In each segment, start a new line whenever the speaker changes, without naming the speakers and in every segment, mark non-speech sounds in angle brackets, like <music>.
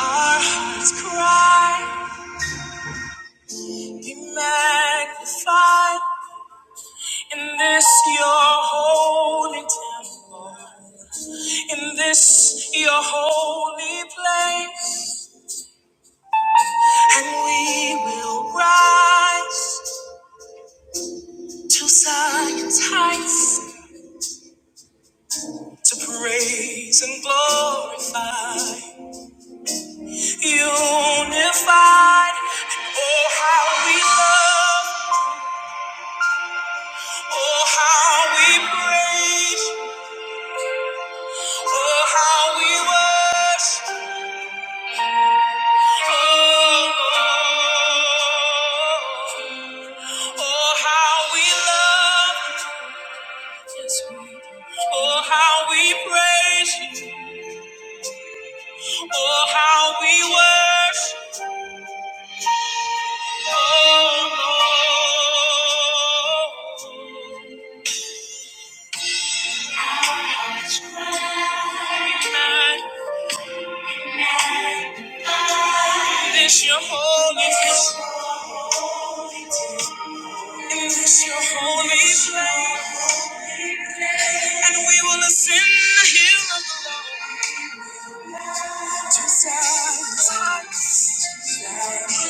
Our hearts cry, be magnified in this your holy temple, in this your holy place, and we will rise to Zion's heights to praise and glorify, unified. And oh, how we love, oh, how we praise. Oh, how we worship. Oh, oh, how we love. Oh, how we praise. Oh, how we worship. Oh, Lord. in This your holy place, in this your holy place, and we will ascend the hill of the Lord to silence.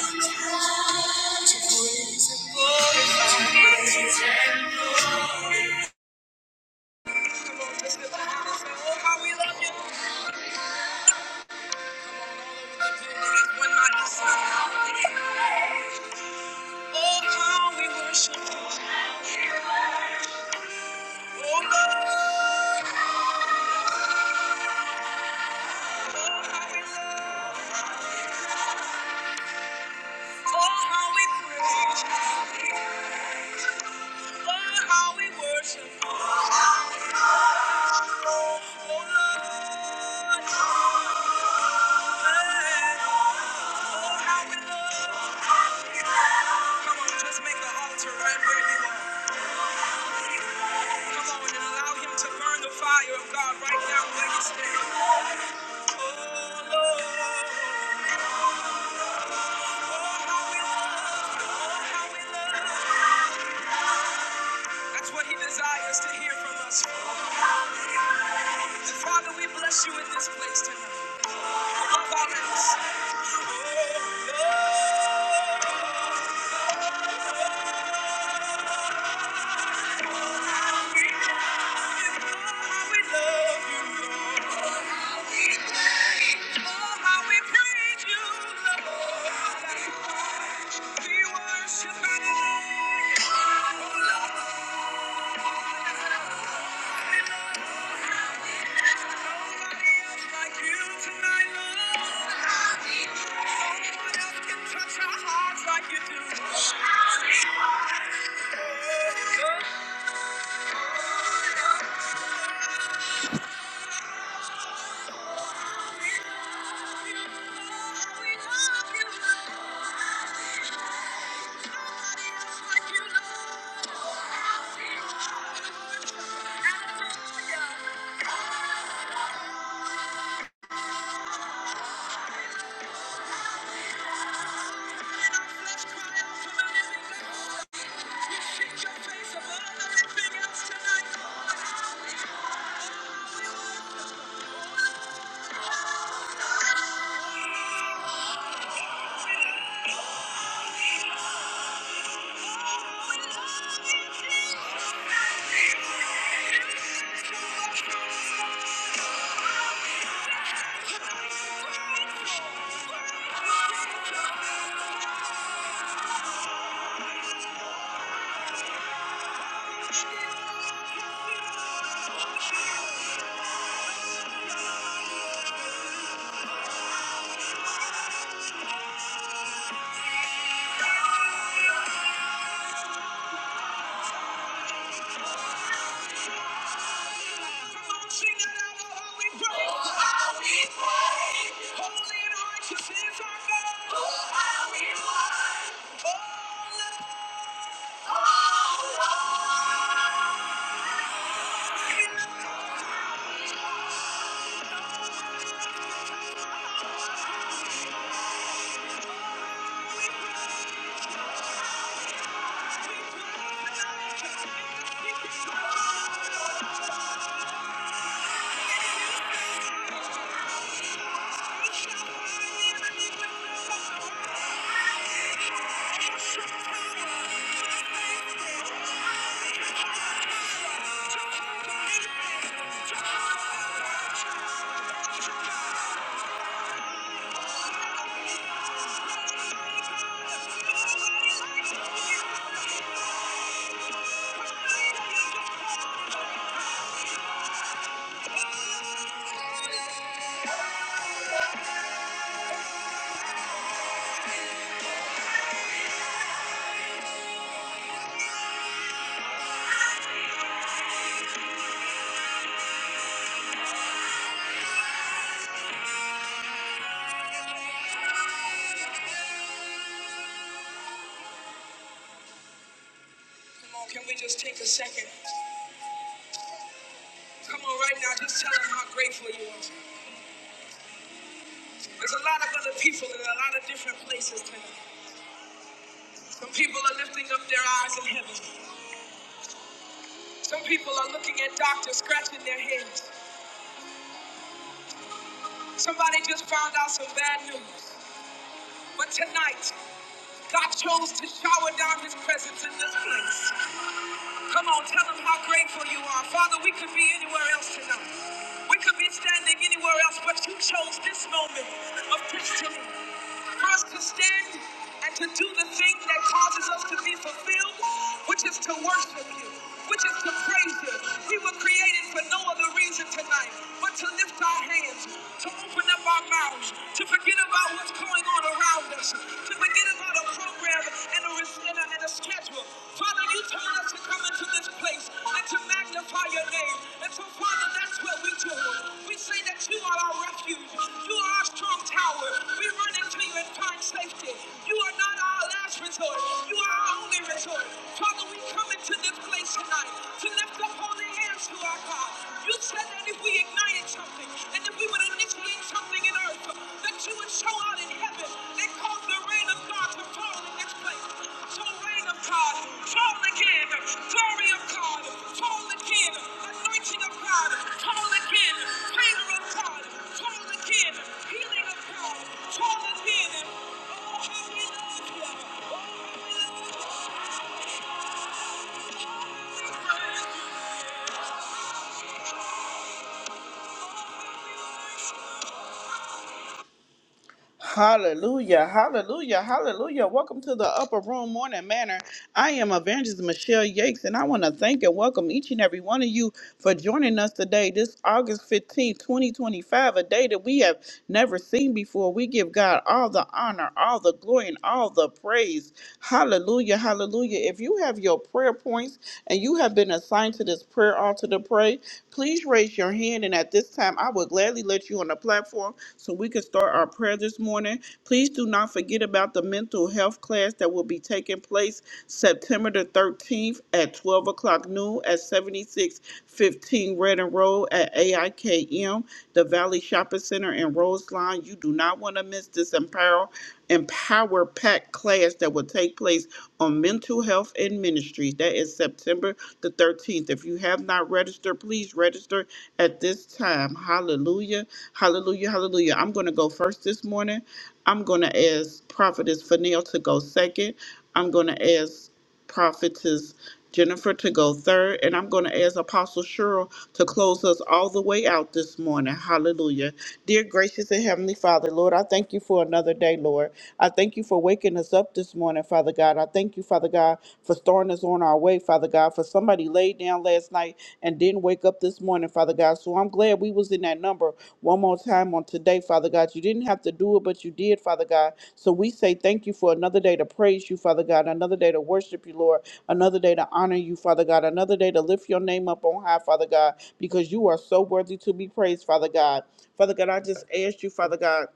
Hallelujah, hallelujah, hallelujah. Welcome to the Upper Room Morning Manor. I am Evangelist Michelle Yakes, and I want to thank and welcome each and every one of you for joining us today, this August 15th, 2025, a day that we have never seen before. We give God all the honor, all the glory, and all the praise. Hallelujah, hallelujah. If you have your prayer points and you have been assigned to this prayer altar to pray, please raise your hand. And at this this time, I would gladly let you on the platform so we can start our prayer this morning. Please do not forget about the mental health class that will be taking place September the 13th at 12 o'clock noon at 7615 Redden Road at AIKM, the Valley Shopping Center in Roseline. You do not want to miss this empower Empower Pack class that will take place on mental health and ministries. That is September the 13th. If you have not registered, please register at this time. Hallelujah. Hallelujah. Hallelujah. I'm going to go first this morning. I'm going to ask Prophetess Fanel to go second. I'm going to ask prophetess Jennifer to go third, and I'm going to ask Apostle Cheryl to close us all the way out this morning. Hallelujah. Dear gracious and heavenly Father, Lord, I thank you for another day, Lord. I thank you for waking us up this morning, Father God. I thank you, Father God, for starting us on our way, Father God, for somebody laid down last night and didn't wake up this this morning, Father God. So I'm glad we was in that number one more time on today, Father God. You didn't have to do it, but you did, Father God. So we say thank you for another day to praise you, Father God, another day to worship you, Lord, another day to honor you, Father God, another day to lift your name up on high, Father God, because you are so worthy to be praised, Father God. Father God, I just ask you, Father God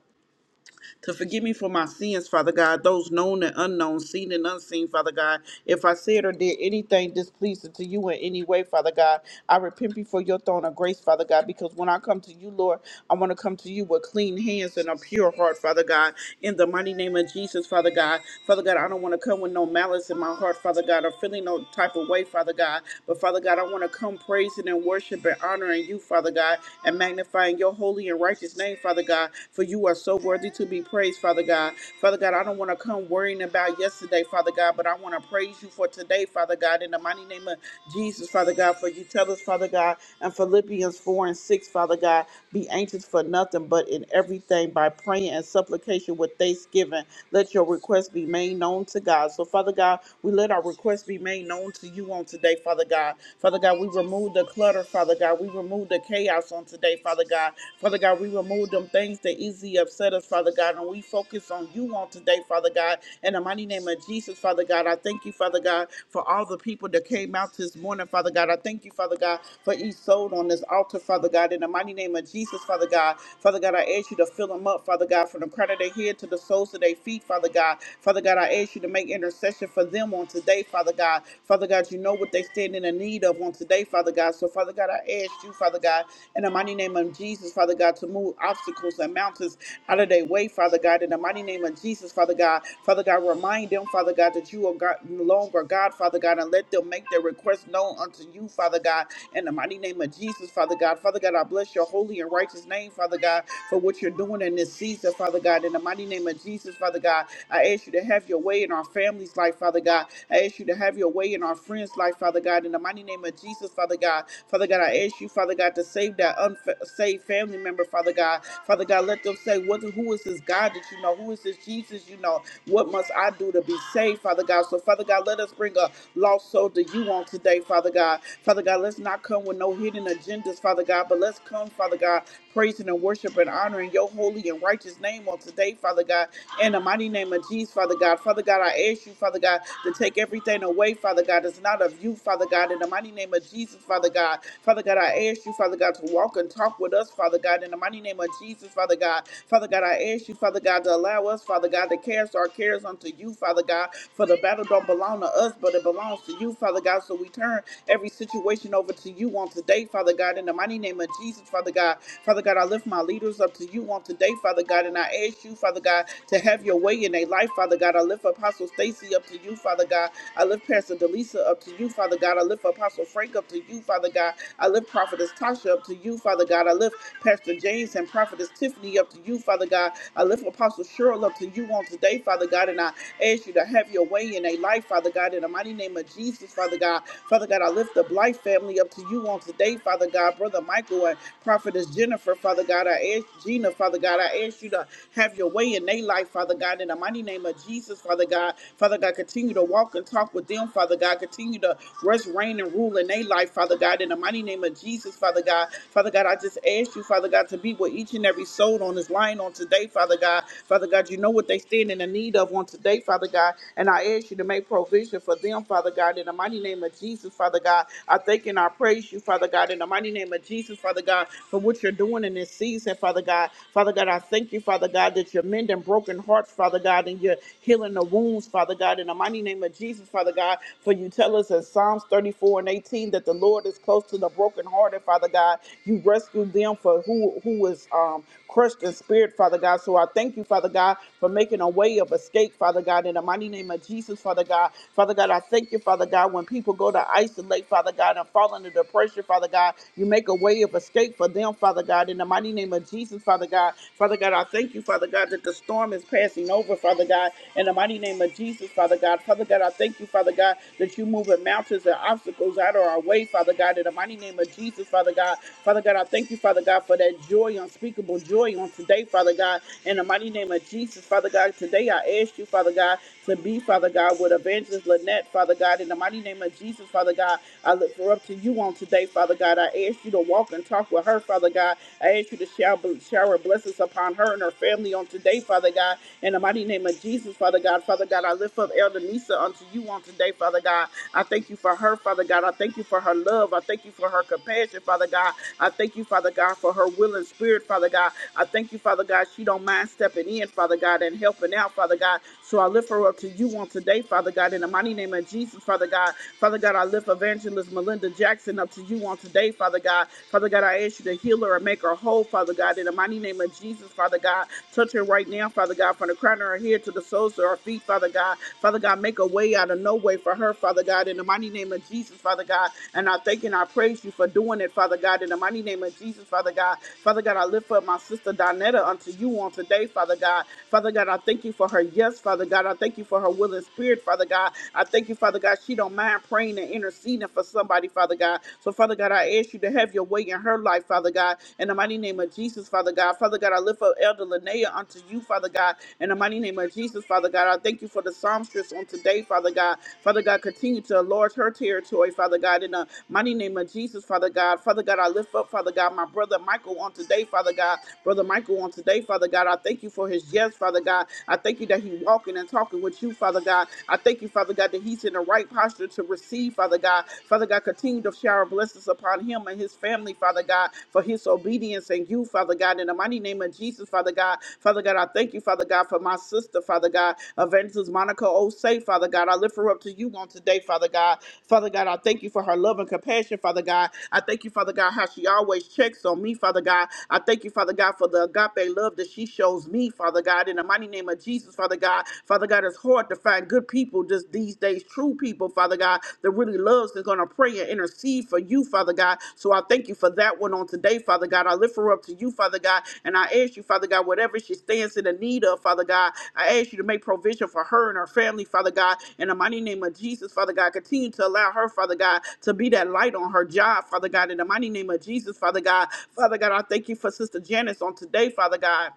to forgive me for my sins, Father God, those known and unknown, seen and unseen, Father God. If I said or did anything displeasing to you in any way, Father God, I repent before your throne of grace, Father God, because when I come to you, Lord, I want to come to you with clean hands and a pure heart, Father God. In the mighty name of Jesus, Father God. Father God, I don't want to come with no malice in my heart, Father God, or feeling no type of way, Father God. But Father God, I want to come praising and worshiping and honoring you, Father God, and magnifying your holy and righteous name, Father God. For you are so worthy to be praised be praised, Father God. Father God, I don't want to come worrying about yesterday, Father God, but I want to praise you for today, Father God, in the mighty name of Jesus, Father God, for you tell us, Father God, and Philippians 4 and 6, Father God, be anxious for nothing but in everything by praying and supplication with thanksgiving. Let your request be made known to God. So, Father God, we let our request be made known to you on today, Father God. Father God, we remove the clutter, Father God. We remove the chaos on today, Father God. Father God, we remove them things that easily upset us, Father God. God. And we focus on you on today, Father God. In the mighty name of Jesus, Father God, I thank you, Father God, for all the people that came out this morning, Father God. I thank you, Father God, for each soul on this altar, Father God. In the mighty name of Jesus, Father God. Father God, I ask you to fill them up, Father God, from the crown of their head to the soles of their feet, Father God. Father God, I ask you to make intercession for them on today, Father God. Father God, you know what they stand in the need of on today, Father God. So, Father God, I ask you, Father God, in the mighty name of Jesus, Father God, to move obstacles and mountains out of their way, Father. Father God, in the mighty name of Jesus, Father God. Father God, remind them, Father God, that you are God, no longer God, Father God, and let them make their requests known unto you, Father God, in the mighty name of Jesus, Father God. Father God, I bless your holy and righteous name, Father God, for what you're doing in this season, Father God, in the mighty name of Jesus, Father God. I ask you to have your way in our family's life, Father God. I ask you to have your way in our friends' life, Father God, in the mighty name of Jesus, Father God. Father God, I ask you, Father God, to save that unsaved family member, Father God. Father God, let them say, what, who is this God that you know? Who is this Jesus you know? What must I do to be saved, Father God? So, Father God, let us bring a lost soul to you on today, Father God. Father God, let's not come with no hidden agendas, Father God, but let's come, Father God, praising and worship and honoring your holy and righteous name on today, Father God. In the mighty name of Jesus, Father God. Father God, I ask you, Father God, to take everything away, Father God, that's not of you, Father God. In the mighty name of Jesus, Father God. Father God, I ask you, Father God, to walk and talk with us, Father God. In the mighty name of Jesus, Father God. Father God, I ask you ask you, Father God, to allow us, Father God, to cast our cares unto you, Father God, for the battle don't belong to us, but it belongs to you, Father God. So we turn every situation over to you on today, Father God, in the mighty name of Jesus, Father God. Father God, I lift my leaders up to you on today, Father God, and I ask you, Father God, to have your way in their life, Father God. I lift Apostle Stacy up to you, Father God. I lift Pastor Delisa up to you, Father God. I lift Apostle Frank up to you, Father God. I lift Prophetess Tasha up to you, Father God. I lift Pastor James and Prophetess Tiffany up to you, Father God. I lift Apostle Cheryl up to you on today, Father God, and I ask you to have your way in their life, Father God, in the mighty name of Jesus, Father God. Father God, I lift the Blight family up to you on today, Father God, Brother Michael and Prophetess Jennifer, Father God. I ask Gina, Father God, I ask you to have your way in their life, Father God, in the mighty name of Jesus, Father God. Father God, continue to walk and talk with them, Father God. Continue to rest, reign, and rule in their life, Father God, in the mighty name of Jesus, Father God. Father God, I just ask you, Father God, to be with each and every soul on this line on today, Father. Father God. Father God, you know what they stand in the need of on today, Father God. And I ask you to make provision for them, Father God, in the mighty name of Jesus, Father God. I thank and I praise you, Father God, in the mighty name of Jesus, Father God, for what you're doing in this season, Father God. Father God, I thank you, Father God, that you're mending broken hearts, Father God, and you're healing the wounds, Father God, in the mighty name of Jesus, Father God. For you tell us in Psalms 34 and 18 that the Lord is close to the brokenhearted, Father God. You rescued them for who who was um crushed in spirit, Father God. So so I thank you, Father God, for making a way of escape, Father God, in the mighty name of Jesus, Father God. Father God, I thank you, Father God, when people go to isolate, Father God, and fall under depression, Father God, you make a way of escape for them, Father God, in the mighty name of Jesus, Father God. Father God, I thank you, Father God, that the storm is passing over, Father God, in the mighty name of Jesus, Father God. Father God, I thank you, Father God, that you moving mountains and obstacles out of our way, Father God, in the mighty name of Jesus, Father God. Father God, I thank you, Father God, for that joy, unspeakable joy on today, Father God. In the mighty name of Jesus, Father God, today I ask you, Father God, to be, Father God, with Evangelist Lynette, Father God. In the mighty name of Jesus, Father God, I look for up to you on today, Father God. I ask you to walk and talk with her, Father God. I ask you to shower, shower blessings upon her and her family on today, Father God. In the mighty name of Jesus, Father God, Father God, I lift up Elder Nisa unto you on today, Father God. I thank you for her, Father God. I thank you for her love. I thank you for her compassion, Father God. I thank you, Father God, for her will and spirit, Father God. I thank you, Father God. She don't don't mind stepping in, Father God, and helping out, Father God. So I lift her up to you on today, Father God, in the mighty name of Jesus, Father God. Father God, I lift evangelist Melinda Jackson up to you on today, Father God. Father God, I ask you to heal her and make her whole, Father God, in the mighty name of Jesus, Father God. Touch her right now, Father God, from the crown of her head to the soles of her feet, Father God. Father God, make a way out of no way for her, Father God, in the mighty name of Jesus, Father God. And I thank and I praise you for doing it, Father God, in the mighty name of Jesus, Father God. Father God, I lift up my sister Donetta unto you on today, Father God. Father God, I thank you for her yes, Father God. I thank you for her will and spirit, Father God. I thank you, Father God. She don't mind praying and interceding for somebody, Father God. So, Father God, I ask you to have your way in her life, Father God. In the mighty name of Jesus, Father God. Father God, I lift up Elder Linnea unto you, Father God. In the mighty name of Jesus, Father God, I thank you for the psalmstress on today, Father God. Father God, continue to enlarge her territory, Father God. In the mighty name of Jesus, Father God. Father God, I lift up, Father God, my brother Michael on today, Father God. Brother Michael on today, Father God. Father God. I thank you for his yes, Father God. I thank you that he's walking and talking with you, Father God. I thank you, Father God, that he's in the right posture to receive, Father God. Father God, continue to shower blessings upon him and his family, Father God, for his obedience and you, Father God. In the mighty name of Jesus, Father God. Father God, I thank you, Father God, for my sister, Father God. Evangelist Monica Osei, Father God. I lift her up to you on today, Father God. Father God, I thank you for her love and compassion, Father God. I thank you, Father God, how she always checks on me, Father God. I thank you, Father God, for the agape love that she shows me, Father God, in the mighty name of Jesus, Father God. Father God, it's hard to find good people just these days, true people, Father God, that really loves, that's going to pray and intercede for you, Father God. So I thank you for that one on today, Father God. I lift her up to you, Father God, and I ask you, Father God, whatever she stands in the need of, Father God, I ask you to make provision for her and her family, Father God, in the mighty name of Jesus, Father God. Continue to allow her, Father God, to be that light on her job, Father God, in the mighty name of Jesus, Father God. Father God, I thank you for Sister Janice on today, Father God.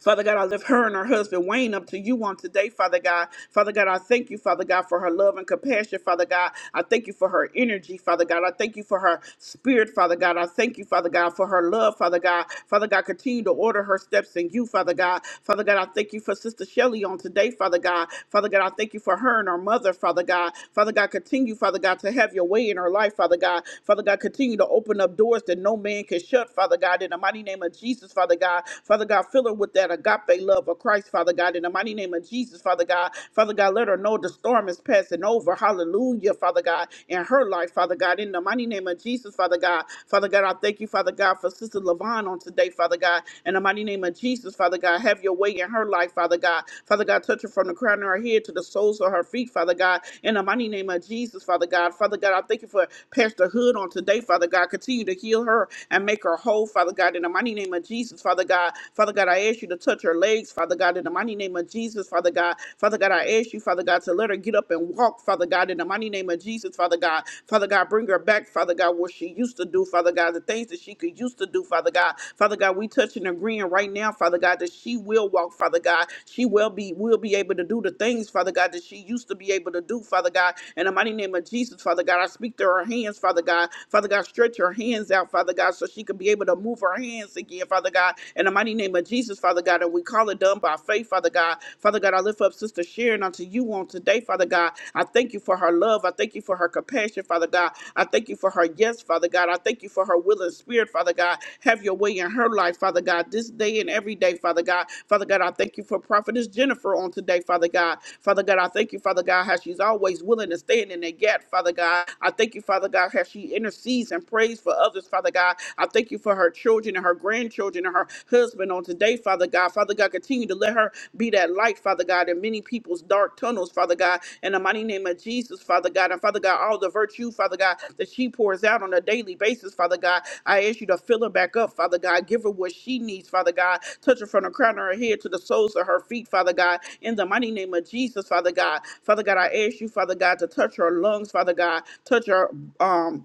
Father God, I lift her and her husband Wayne up to you on today, Father God. Father God, I thank you, Father God, for her love and compassion, Father God. I thank you for her energy, Father God. I thank you for her spirit, Father God. I thank you, Father God, for her love, Father God. Father God, continue to order her steps in you, Father God. Father God, I thank you for Sister Shelly on today, Father God. Father God, I thank you for her and her mother, Father God. Father God, continue, Father God, to have your way in her life, Father God. Father God, continue to open up doors that no man can shut, Father God, in the mighty name of Jesus, Father God. God. Father God, fill her with that agape love of Christ, Father God, in the mighty name of Jesus, Father God. Father God, let her know the storm is passing over. Hallelujah, Father God, in her life, Father God, in the mighty name of Jesus, Father God. Father God, I thank you, Father God, for Sister Levon on today, Father God, in the mighty name of Jesus, Father God. Have your way in her life, Father God. Father God, touch her from the crown of her head to the soles of her feet, Father God, in the mighty name of Jesus, Father God. Father God, I thank you for Pastor Hood on today, Father God. Continue to heal her and make her whole, Father God. In the the mighty name of Jesus, Father God. Father God, I ask you to touch her legs, Father God, in the mighty name of Jesus, Father God. Father God, I ask you, Father God, to let her get up and walk, Father God, in the mighty name of Jesus, Father God. Father God, bring her back, Father God, what she used to do, Father God, the things that she could used to do, Father God. Father God, we touch and agreeing right now, Father God, that she will walk, Father God. She will be will be able to do the things, Father God, that she used to be able to do, Father God. In the mighty name of Jesus, Father God, I speak to her hands, Father God. Father God, stretch her hands out, Father God, so so she can be able to move her hands again, Father God. In the mighty name of Jesus, Father God, and we call it done by faith, Father God. Father God, I lift up Sister Sharon unto you on today, Father God. I thank you for her love. I thank you for her compassion, Father God. I thank you for her yes, Father God. I thank you for her will and spirit, Father God. Have your way in her life, Father God, this day and every day, Father God. Father God, I thank you for Prophetess Jennifer on today, Father God. Father God, I thank you, Father God, how she's always willing to stand in the gap, Father God. I thank you, Father God, how she intercedes and prays prays for others, Father God. I thank you for her children and her grandchildren and her husband on today, Father God. Father God, continue to let her be that light, Father God, in many people's dark tunnels, Father God. In the mighty name of Jesus, Father God. And Father God, all the virtue, Father God, that she pours out on a daily basis, Father God. I ask you to fill her back up, Father God. Give her what she needs, Father God. Touch her from the crown of her head to the soles of her feet, Father God. In the mighty name of Jesus, Father God. Father God, I ask you, Father God, to touch her lungs, Father God. Touch her um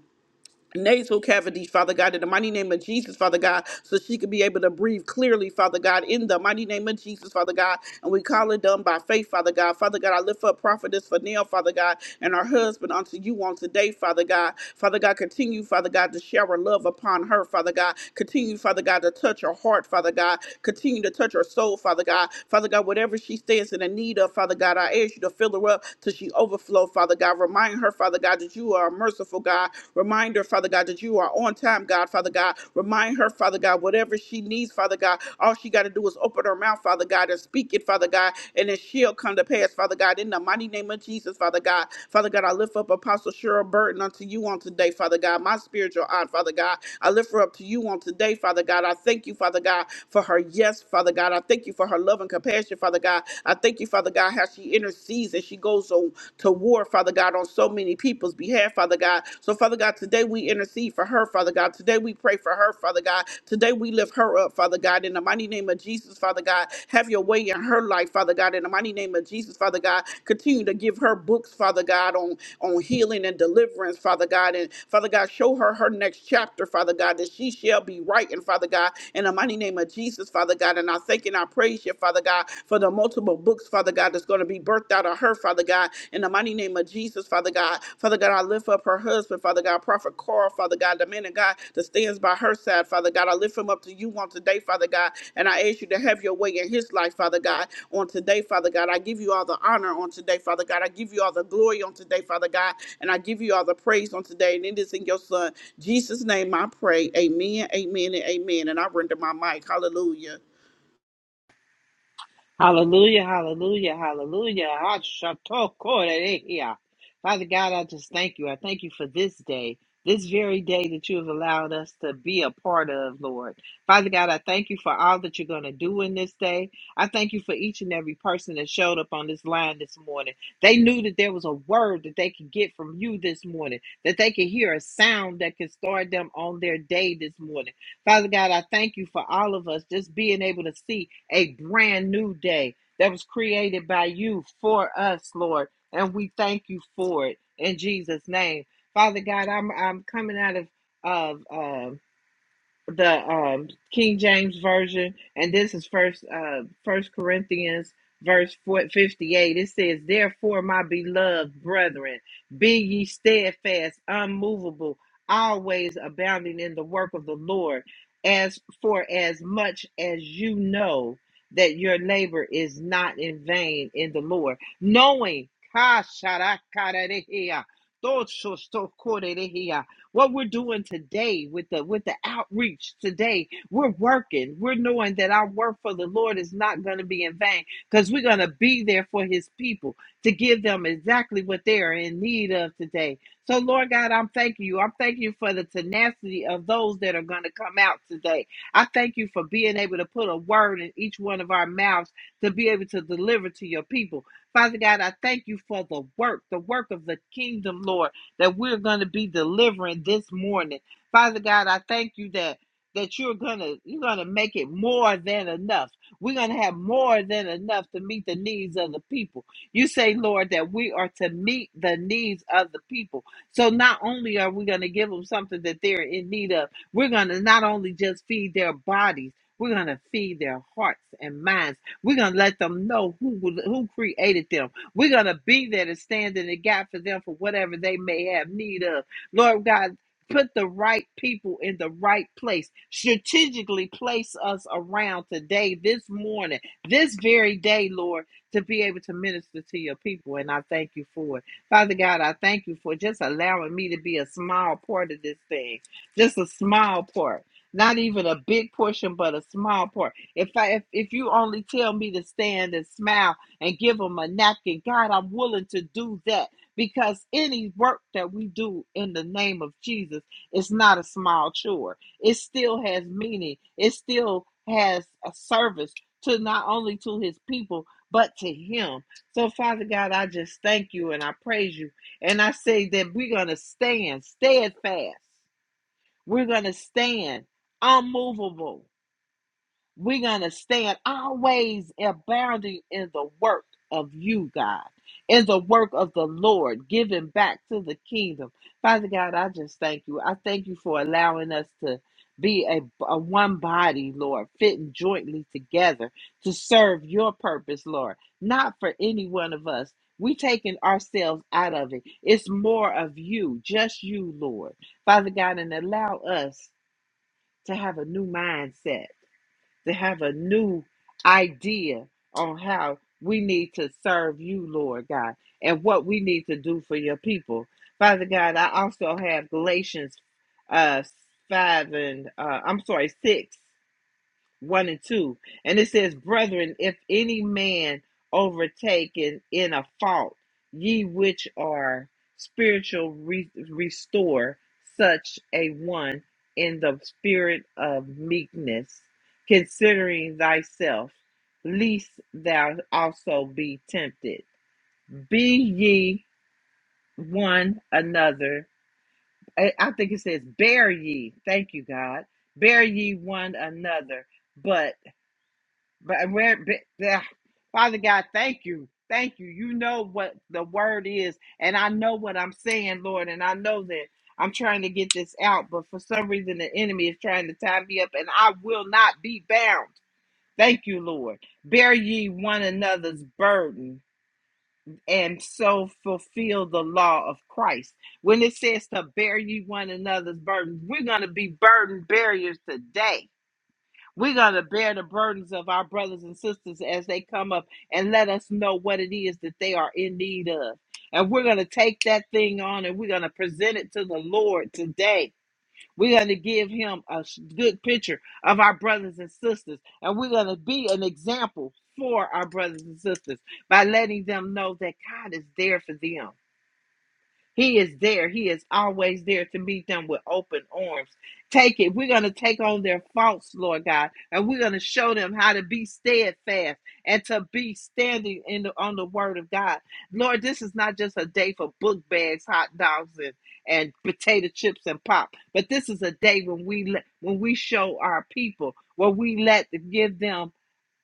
nasal cavities, Father God, in the mighty name of Jesus, Father God, so she could be able to breathe clearly, Father God, in the mighty name of Jesus, Father God. And we call it done by faith, Father God. Father God, I lift up prophetess for Father God, and her husband unto you on today, Father God. Father God, continue, Father God, to shower love upon her, Father God. Continue, Father God, to touch her heart, Father God. Continue to touch her soul, Father God. Father God, whatever she stands in the need of, Father God, I ask you to fill her up till she overflow, Father God. Remind her, Father. Father God, that you are a merciful God. Remind her, Father God, that you are on time, God, Father God. Remind her, Father God, whatever she needs, Father God, all she got to do is open her mouth, Father God, and speak it, Father God, and then she'll come to pass, Father God, in the mighty name of Jesus, Father God. Father God, I lift up Apostle Cheryl Burton unto you on today, Father God, my spiritual aunt, Father God. I lift her up to you on today, Father God. I thank you, Father God, for her yes, Father God. I thank you for her love and compassion, Father God. I thank you, Father God, how she intercedes and she she goes on to war, Father God, on so many people's behalf, Father God. So, Father God, today we intercede for her, Father God. Today we pray for her, Father God. Today we lift her up, Father God. In the mighty name of Jesus, Father God, have your way in her life, Father God. In the mighty name of Jesus, Father God, continue to give her books, Father God, on, on healing and deliverance, Father God. And Father God, show her her next chapter, Father God, that she shall be right, and Father God. In the mighty name of Jesus, Father God. And I thank and I praise you, Father God, for the multiple books, Father God, that's going to be birthed out of her, Father God, in the mighty name of Jesus, Father God. Father God, I lift up her husband, Father God, Prophet Carl, Father God, the man of God that stands by her side, Father God. I lift him up to you on today, Father God, and I ask you to have your way in his life, Father God, on today, Father God. I give you all the honor on today, Father God. I give you all the glory on today, Father God, and I give you all the praise on today. And it is in your Son, Jesus' name I pray. Amen, amen, and amen. And I render my mic. Hallelujah.
Hallelujah, hallelujah, hallelujah. Hashatokoroehia. Father God, I just thank you. I thank you for this day, this very day that you have allowed us to be a part of, Lord. Father God, I thank you for all that you're going to do in this day. I thank you for each and every person that showed up on this line this morning. They knew that there was a word that they could get from you this morning, that they could hear a sound that could start them on their day this morning. Father God, I thank you for all of us just being able to see a brand new day that was created by you for us, Lord. And we thank you for it in Jesus' name. Father God, I'm I'm coming out of of uh, the um, King James version, and this is first uh, First Corinthians verse 4 58. It says, "Therefore, my beloved brethren, be ye steadfast, unmovable, always abounding in the work of the Lord, as for as much as you know that your labor is not in vain in the Lord, knowing." <laughs> what we're doing today with the with the outreach today we're working we're knowing that our work for the lord is not going to be in vain because we're going to be there for his people to give them exactly what they are in need of today so lord god i'm thanking you i'm thanking you for the tenacity of those that are going to come out today i thank you for being able to put a word in each one of our mouths to be able to deliver to your people father god i thank you for the work the work of the kingdom lord that we're going to be delivering this morning. Father God, I thank you that that you're going to you're going to make it more than enough. We're going to have more than enough to meet the needs of the people. You say, Lord, that we are to meet the needs of the people. So not only are we going to give them something that they're in need of, we're going to not only just feed their bodies, we're going to feed their hearts and minds. We're going to let them know who who created them we're going to be there to stand in the gap for them for whatever they may have need of. Lord God, put the right people in the right place. Strategically place us around today, this morning, this very day, Lord, to be able to minister to your people. And I thank you for it. Father God, I thank you for just allowing me to be a small part of this thing, just a small part. Not even a big portion, but a small part. If I if, if you only tell me to stand and smile and give them a napkin. God, I'm willing to do that because any work that we do in the name of Jesus is not a small chore. It still has meaning. It still has a service to not only to his people but to him. So Father God, I just thank you and I praise you. And I say that we're going to stand steadfast. We're going to stand unmovable we're going to stand always abounding in the work of you, God, in the work of the Lord, giving back to the kingdom. Father God, I just thank you. I thank you for allowing us to be a, a one body, Lord, fitting jointly together to serve your purpose, Lord, not for any one of us. We taking ourselves out of it. It's more of you, just you, Lord. Father God, and allow us to have a new mindset to have a new idea on how we need to serve you, Lord God, and what we need to do for your people. Father God, I also have Galatians uh, 5 and, uh, I'm sorry, 6. 1 and 2. And it says, Brethren, if any man overtaken in a fault, ye which are spiritual, re- restore such a one in the spirit of meekness, considering thyself, lest thou also be tempted. Be ye one another. I I think it says, Bear ye. Thank you, God. Bear ye one another. But but we're, but, yeah. Father God, thank you. Thank you. You know what the word is. And I know what I'm saying, Lord. And I know that I'm trying to get this out. But for some reason, the enemy is trying to tie me up. And I will not be bound. Thank you, Lord. Bear ye one another's burden and so fulfill the law of Christ. When it says to bear ye one another's burden, we're going to be burden bearers today we're going to bear the burdens of our brothers and sisters as they come up and let us know what it is that they are in need of. And we're going to take that thing on and we're going to present it to the Lord today. We're going to give him a sh- good picture of our brothers and sisters. And we're going to be an example for our brothers and sisters by letting them know that God is there for them. He is there. He is always there to meet them with open arms. Take it. We're going to take on their faults, Lord God, and we're going to show them how to be steadfast and to be standing in the, on the word of God. Lord, this is not just a day for book bags, hot dogs, and, and potato chips and pop, but this is a day when we let, when we show our people, where we let give them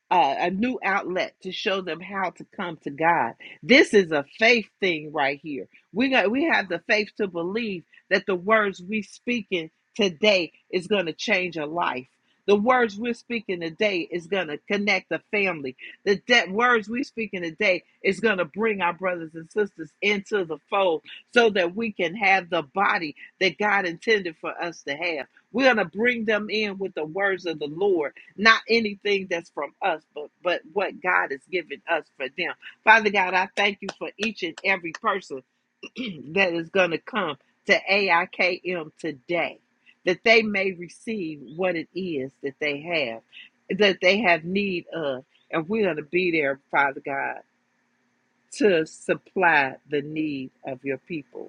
uh, a new outlet to show them how to come to God. This is a faith thing right here. We got we have the faith to believe that the words we speaking today is going to change a life. The words we're speaking today is going to connect the family. The de- words we're speaking today is going to bring our brothers and sisters into the fold so that we can have the body that God intended for us to have. We're going to bring them in with the words of the Lord not anything that's from us, but but what God has given us for them. Father God, I thank you for each and every person <clears throat> that is going to come to AIKM today, that they may receive what it is that they have, that they have need of, and we're going to be there, Father God, to supply the need of your people.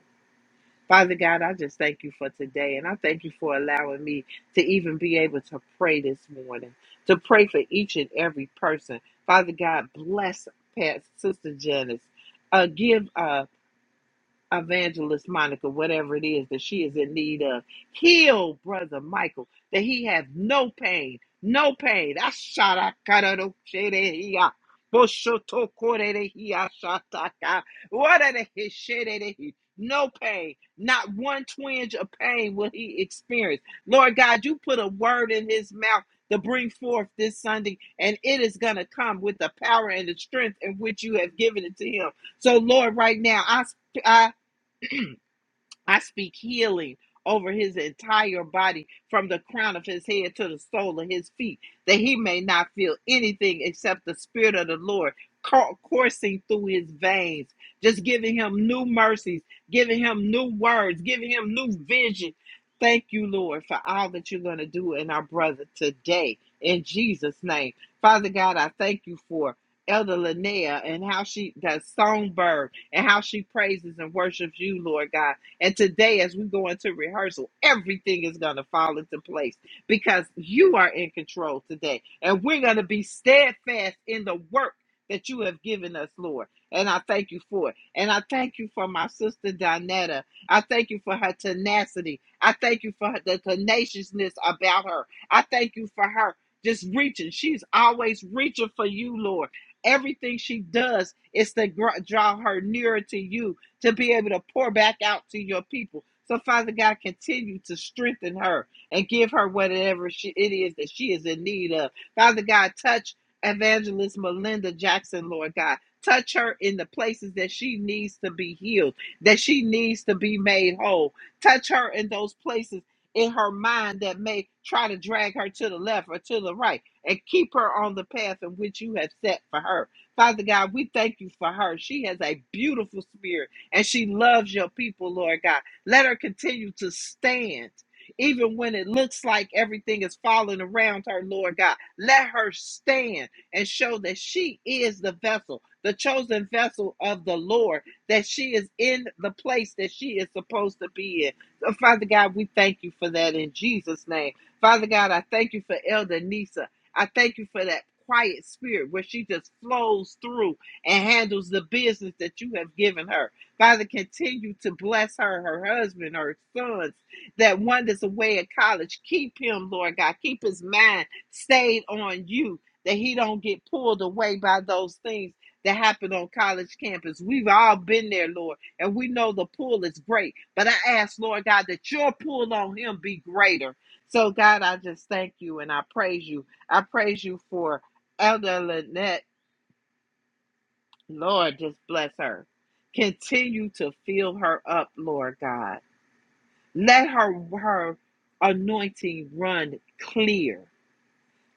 Father God, I just thank you for today. And I thank you for allowing me to even be able to pray this morning, to pray for each and every person. Father God, bless Pat, Sister Janice. Uh, give uh, evangelist Monica, whatever it is that she is in need of. Heal brother Michael, that he have no pain, no pain. Asharakararosherehia, boshotokorerehia shataka, wararehishererehi. No pain, not one twinge of pain will he experience. Lord God, you put a word in his mouth to bring forth this Sunday, and it is going to come with the power and the strength in which you have given it to him. So, Lord, right now, I, I I speak healing over his entire body from the crown of his head to the sole of his feet, that he may not feel anything except the Spirit of the Lord cour- coursing through his veins, just giving him new mercies, giving him new words, giving him new vision. Thank you, Lord, for all that you're going to do in our brother today. In Jesus' name. Father God, I thank you for Elder Linnea and how she, does songbird, and how she praises and worships you, Lord God and today, as we go into rehearsal, everything is going to fall into place because you are in control today. And we're going to be steadfast in the work that you have given us, Lord. And I thank you for it. And I thank you for my sister Donetta. I thank you for her tenacity. I thank you for her, the tenaciousness about her. I thank you for her just reaching. She's always reaching for you, Lord. Everything she does is to gr- draw her nearer to you to be able to pour back out to your people. So, Father God, continue to strengthen her and give her whatever she, it is that she is in need of. Father God, touch Evangelist Melinda Jackson, Lord God. Touch her in the places that she needs to be healed, that she needs to be made whole. Touch her in those places in her mind that may try to drag her to the left or to the right and keep her on the path in which you have set for her. Father God, we thank you for her. She has a beautiful spirit and she loves your people, Lord God. Let her continue to stand. Even when it looks like everything is falling around her, Lord God, let her stand and show that she is the vessel, the chosen vessel of the Lord, that she is in the place that she is supposed to be in. So, Father God, we thank you for that in Jesus' name. Father God, I thank you for Elder Nisa. I thank you for that quiet spirit where she just flows through and handles the business that you have given her. Father, continue to bless her, her husband, her sons, that one that's away at college. Keep him, Lord God. Keep his mind stayed on you, that he don't get pulled away by those things that happen on college campus. We've all been there, Lord, and we know the pull is great. But I ask, Lord God, that your pull on him be greater. So, God, I just thank you and I praise you. I praise you for Elder Lynette. Lord, just bless her. Continue to fill her up, Lord God. Let her her anointing run clear.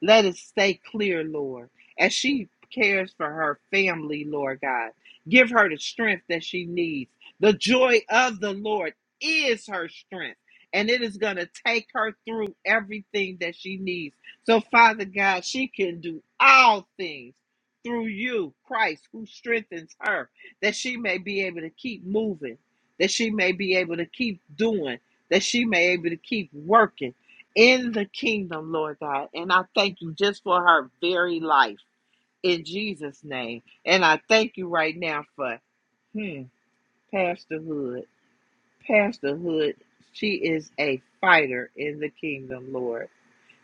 Let it stay clear, Lord, as she cares for her family, Lord God. Give her the strength that she needs. The joy of the Lord is her strength, and it is going to take her through everything that she needs. So, Father God, she can do all things through you, Christ, who strengthens her, that she may be able to keep moving, that she may be able to keep doing, that she may be able to keep working in the kingdom, Lord God. And I thank you just for her very life in Jesus' name. And I thank you right now for hmm, Pastor Hood. Pastor Hood, she is a fighter in the kingdom, Lord.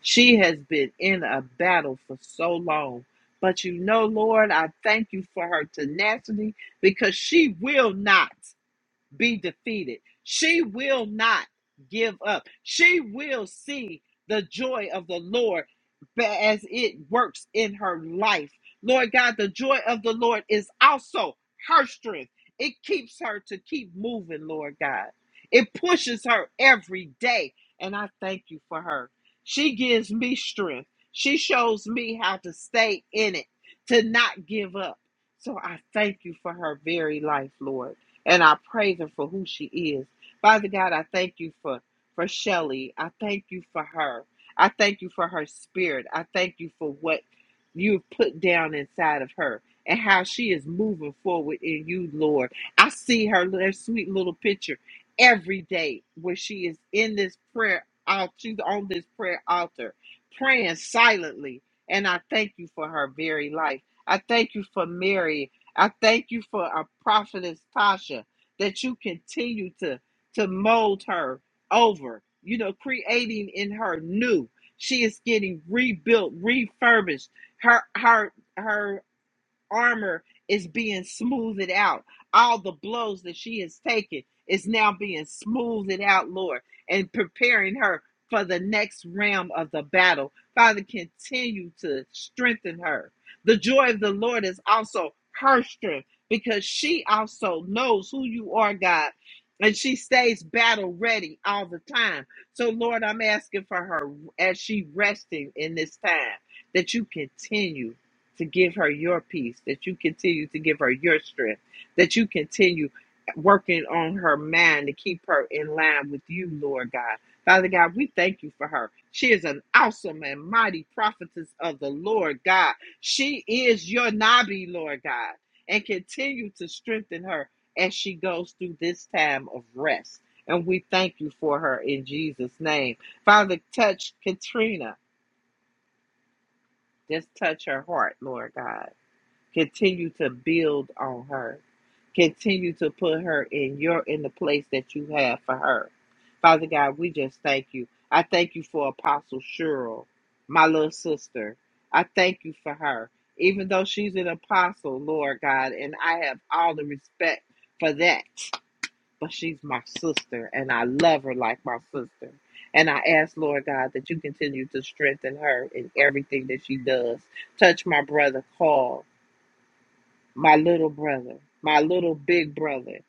She has been in a battle for so long. But you know, Lord, I thank you for her tenacity because she will not be defeated. She will not give up. She will see the joy of the Lord as it works in her life. Lord God, the joy of the Lord is also her strength. It keeps her to keep moving, Lord God. It pushes her every day. And I thank you for her. She gives me strength. She shows me how to stay in it, to not give up. So I thank you for her very life, Lord and I praise her for who she is. Father God, I thank you for for Shelly. I thank you for her. I thank you for her spirit. I thank you for what you've put down inside of her and how she is moving forward in you, Lord. I see her little sweet little picture every day where she is in this prayer altar. She's on this prayer altar, praying silently. And I thank you for her very life. I thank you for Mary I thank you for our prophetess Tasha that you continue to to mold her over, you know, creating in her new. She is getting rebuilt, refurbished. Her her her armor is being smoothed out. All the blows that she has taken is now being smoothed out, Lord, and preparing her for the next realm of the battle. Father, continue to strengthen her. The joy of the Lord is also her strength because she also knows who you are, God, and she stays battle ready all the time. So, Lord, I'm asking for her as she resting in this time that you continue to give her your peace, that you continue to give her your strength, that you continue working on her mind to keep her in line with you, Lord God. Father God, we thank you for her. She is an awesome and mighty prophetess of the Lord God. She is your Nabi, Lord God, and continue to strengthen her as she goes through this time of rest. And we thank you for her in Jesus' name. Father, touch Katrina. Just touch her heart, Lord God Continue to build on her. Continue to put her in your in the place that you have for her. Father God, we just thank you. I thank you for Apostle Cheryl, my little sister. I thank you for her. Even though she's an apostle, Lord God, and I have all the respect for that. But she's my sister and I love her like my sister. And I ask, Lord God, that you continue to strengthen her in everything that she does. Touch my brother Paul my little brother, my little big brother.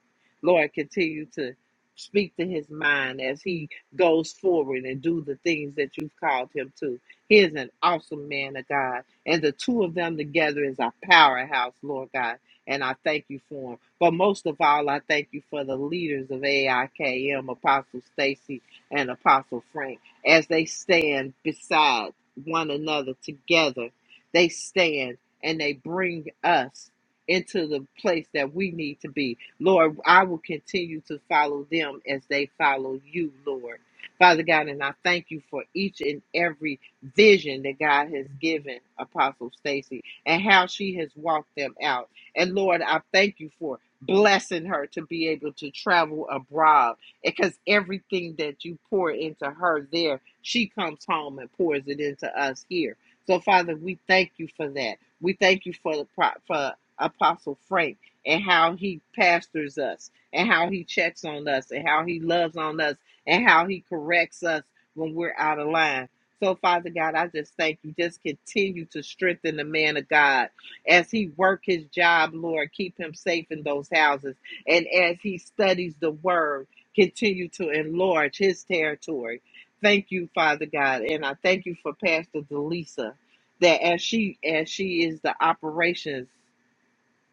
Lord, continue to speak to his mind as he goes forward and do the things that you've called him to. He is an awesome man of God. And the two of them together is a powerhouse, Lord God. And I thank you for him. But most of all, I thank you for the leaders of AIKM, Apostle Stacy and Apostle Frank, as they stand beside one another together. They stand and they bring us into the place that we need to be. Lord, I will continue to follow them as they follow you, Lord. Father God, and I thank you for each and every vision that God has given Apostle Stacy and how she has walked them out. And Lord, I thank you for blessing her to be able to travel abroad because everything that you pour into her there, she comes home and pours it into us here. So, Father, we thank you for that. We thank you for the pro- for Apostle Frank and how he pastors us and how he checks on us and how he loves on us and how he corrects us when we're out of line. So, Father God, I just thank you. Just continue to strengthen the man of God as he work his job, Lord. Keep him safe in those houses. And as he studies the word, continue to enlarge his territory. Thank you, Father God. And I thank you for Pastor Delisa that as she as she is the operations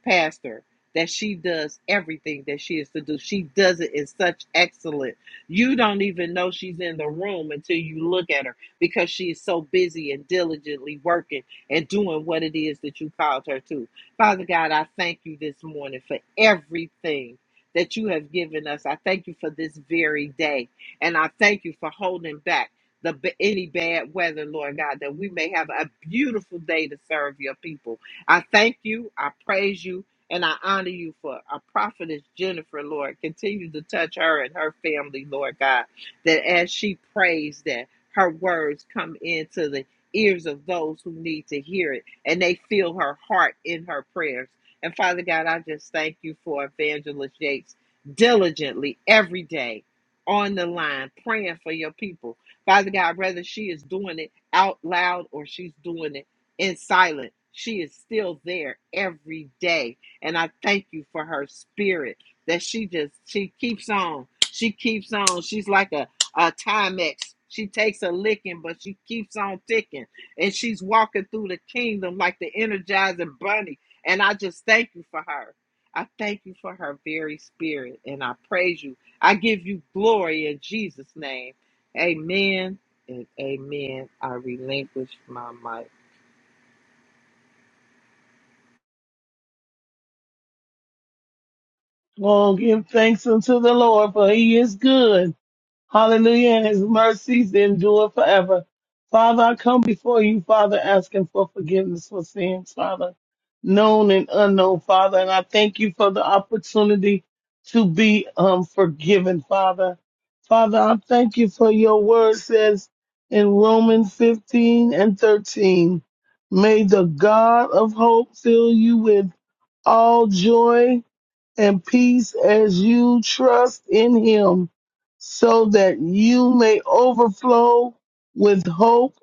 pastor that she does everything that she is to do. She does it in such excellence. You don't even know she's in the room until you look at her because she is so busy and diligently working and doing what it is that you called her to. Father God, I thank you this morning for everything that you have given us. I thank you for this very day. And I thank you for holding back the b- any bad weather, Lord God, that we may have a beautiful day to serve your people. I thank you, I praise you, and I honor you for our prophetess Jennifer, Lord. Continue to touch her and her family, Lord God, that as she prays, that her words come into the ears of those who need to hear it, and they feel her heart in her prayers. And Father God, I just thank you for Evangelist Yates diligently every day on the line praying for your people. Father God, whether she is doing it out loud or she's doing it in silence. She is still there every day. And I thank you for her spirit that she just she keeps on. She keeps on. She's like a, a Timex. She takes a licking, but she keeps on ticking. And she's walking through the kingdom like the energizing bunny. And I just thank you for her. I thank you for her very spirit. And I praise you. I give you glory in Jesus' name. Amen and amen. I relinquish my mic.
Oh, give thanks unto the Lord, for he is good. Hallelujah, and his mercies endure forever. Father, I come before you, Father, asking for forgiveness for sins, Father, known and unknown, Father. And I thank you for the opportunity to be um, forgiven, Father. Father, I thank you for your word says in Romans 15 and 13, may the God of hope fill you with all joy and peace as you trust in him, so that you may overflow with hope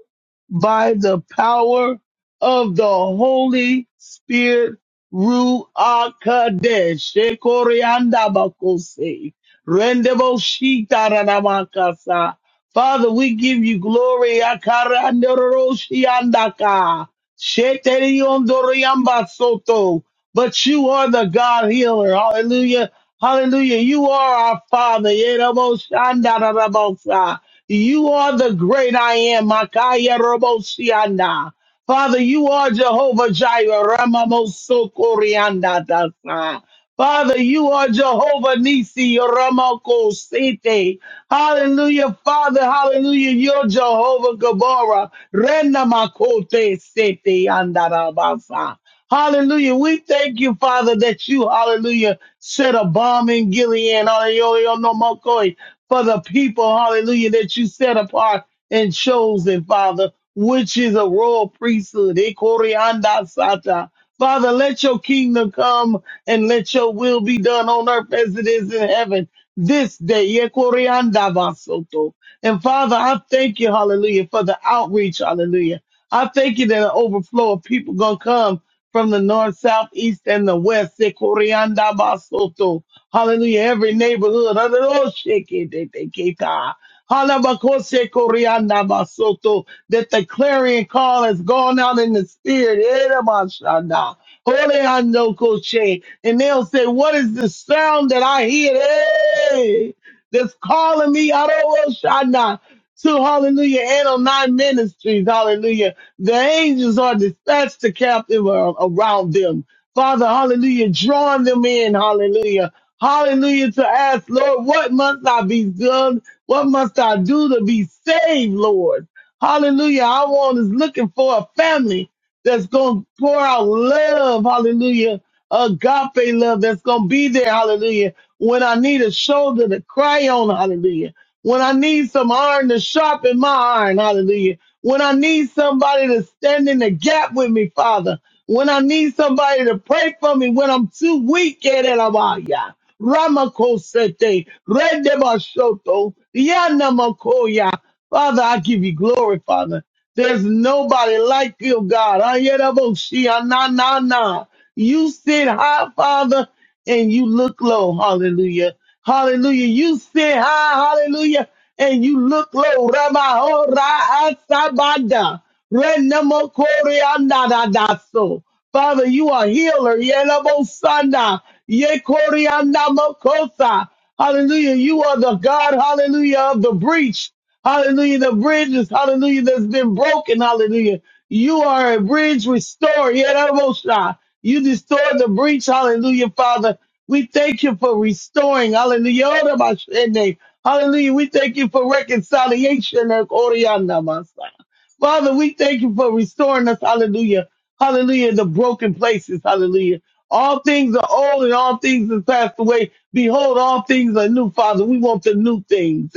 by the power of the Holy Spirit. Ruach Kadesh, Ekorianda Bakose, Rendebo Shita Ranamakasa. Father, we give you glory. Akarandoroshiandaka, Sheteriondoriambasoto but you are the God healer. Hallelujah. Hallelujah. You are our Father. Yeroboshandarabosha. You are the great I am. Makaya Makayaroboshianda. Father, you are Jehovah Jireh. Ramamosokoriandadasa. Father, you are Jehovah Nisi. Ramakosete. Hallelujah, Father. Hallelujah. You're Jehovah Gabora. Renda makote sete andarabasa. Hallelujah. We thank you, Father, that you, hallelujah, set a bomb in Gilead, hallelujah, no more koi, for the people, hallelujah, that you set apart and chosen, Father, which is a royal priesthood. Eh, corianda sata. Father, let your kingdom come and let your will be done on earth as it is in heaven this day. Eh, corianda basoto. And Father, I thank you, hallelujah, for the outreach, hallelujah. I thank you that an overflow of people gonna come from the north, south, east, and the west. Sekorianda basoto. Hallelujah. Every neighborhood. Hallelujah. Sheketeteketa. Halabakose Sekorianda basoto. That the clarion call has gone out in the spirit. Eramashanda. Holeando koche. And they'll say, What is the sound that I hear? Hey, that's calling me. Aroshana. To hallelujah, and on nine ministries, hallelujah the angels are dispatched to captive around them. Father, hallelujah, drawing them in, hallelujah. Hallelujah to ask, Lord, what must I be done? What must I do to be saved, Lord? Hallelujah. I want is looking for a family that's going to pour out love, hallelujah. Agape love that's going to be there, hallelujah. When I need a shoulder to cry on, hallelujah when I need some iron to sharpen my iron, hallelujah. When I need somebody to stand in the gap with me, Father. When I need somebody to pray for me when I'm too weak, Yerabaya. Ramakosete, Redebashoto, Yanamakoya. Father, I give you glory, Father. There's nobody like you, God. Ayeraboshi, na na na. You sit high, Father, and you look low. Hallelujah. Hallelujah. You sit high, hallelujah, and you look low. Ramaho ra asabada. Renamo koreanda da da so. Father, you are healer. Yerabosanda. Ye koreanda mokosa. Hallelujah. You are the God, hallelujah, of the breach. Hallelujah. The bridges, hallelujah, that's been broken. Hallelujah. You are a bridge restorer. Yeramosha. You restored the breach. Hallelujah, Father. We thank you for restoring. Hallelujah. Orabashene. Hallelujah. We thank you for reconciliation. Orianamasa. Father, we thank you for restoring us. Hallelujah. Hallelujah. The broken places. Hallelujah. All things are old and all things have passed away. Behold, all things are new, Father. We want the new things.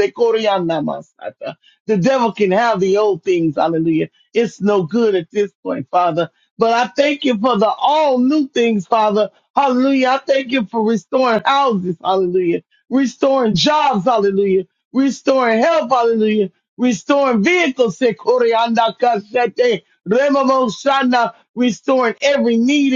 The devil can have the old things. Hallelujah. It's no good at this point, Father. But I thank you for the all new things, Father. Hallelujah. I thank you for restoring houses. Hallelujah. Restoring jobs. Hallelujah. Restoring health. Hallelujah. Restoring vehicles. Zekorianakasete. Restoring every need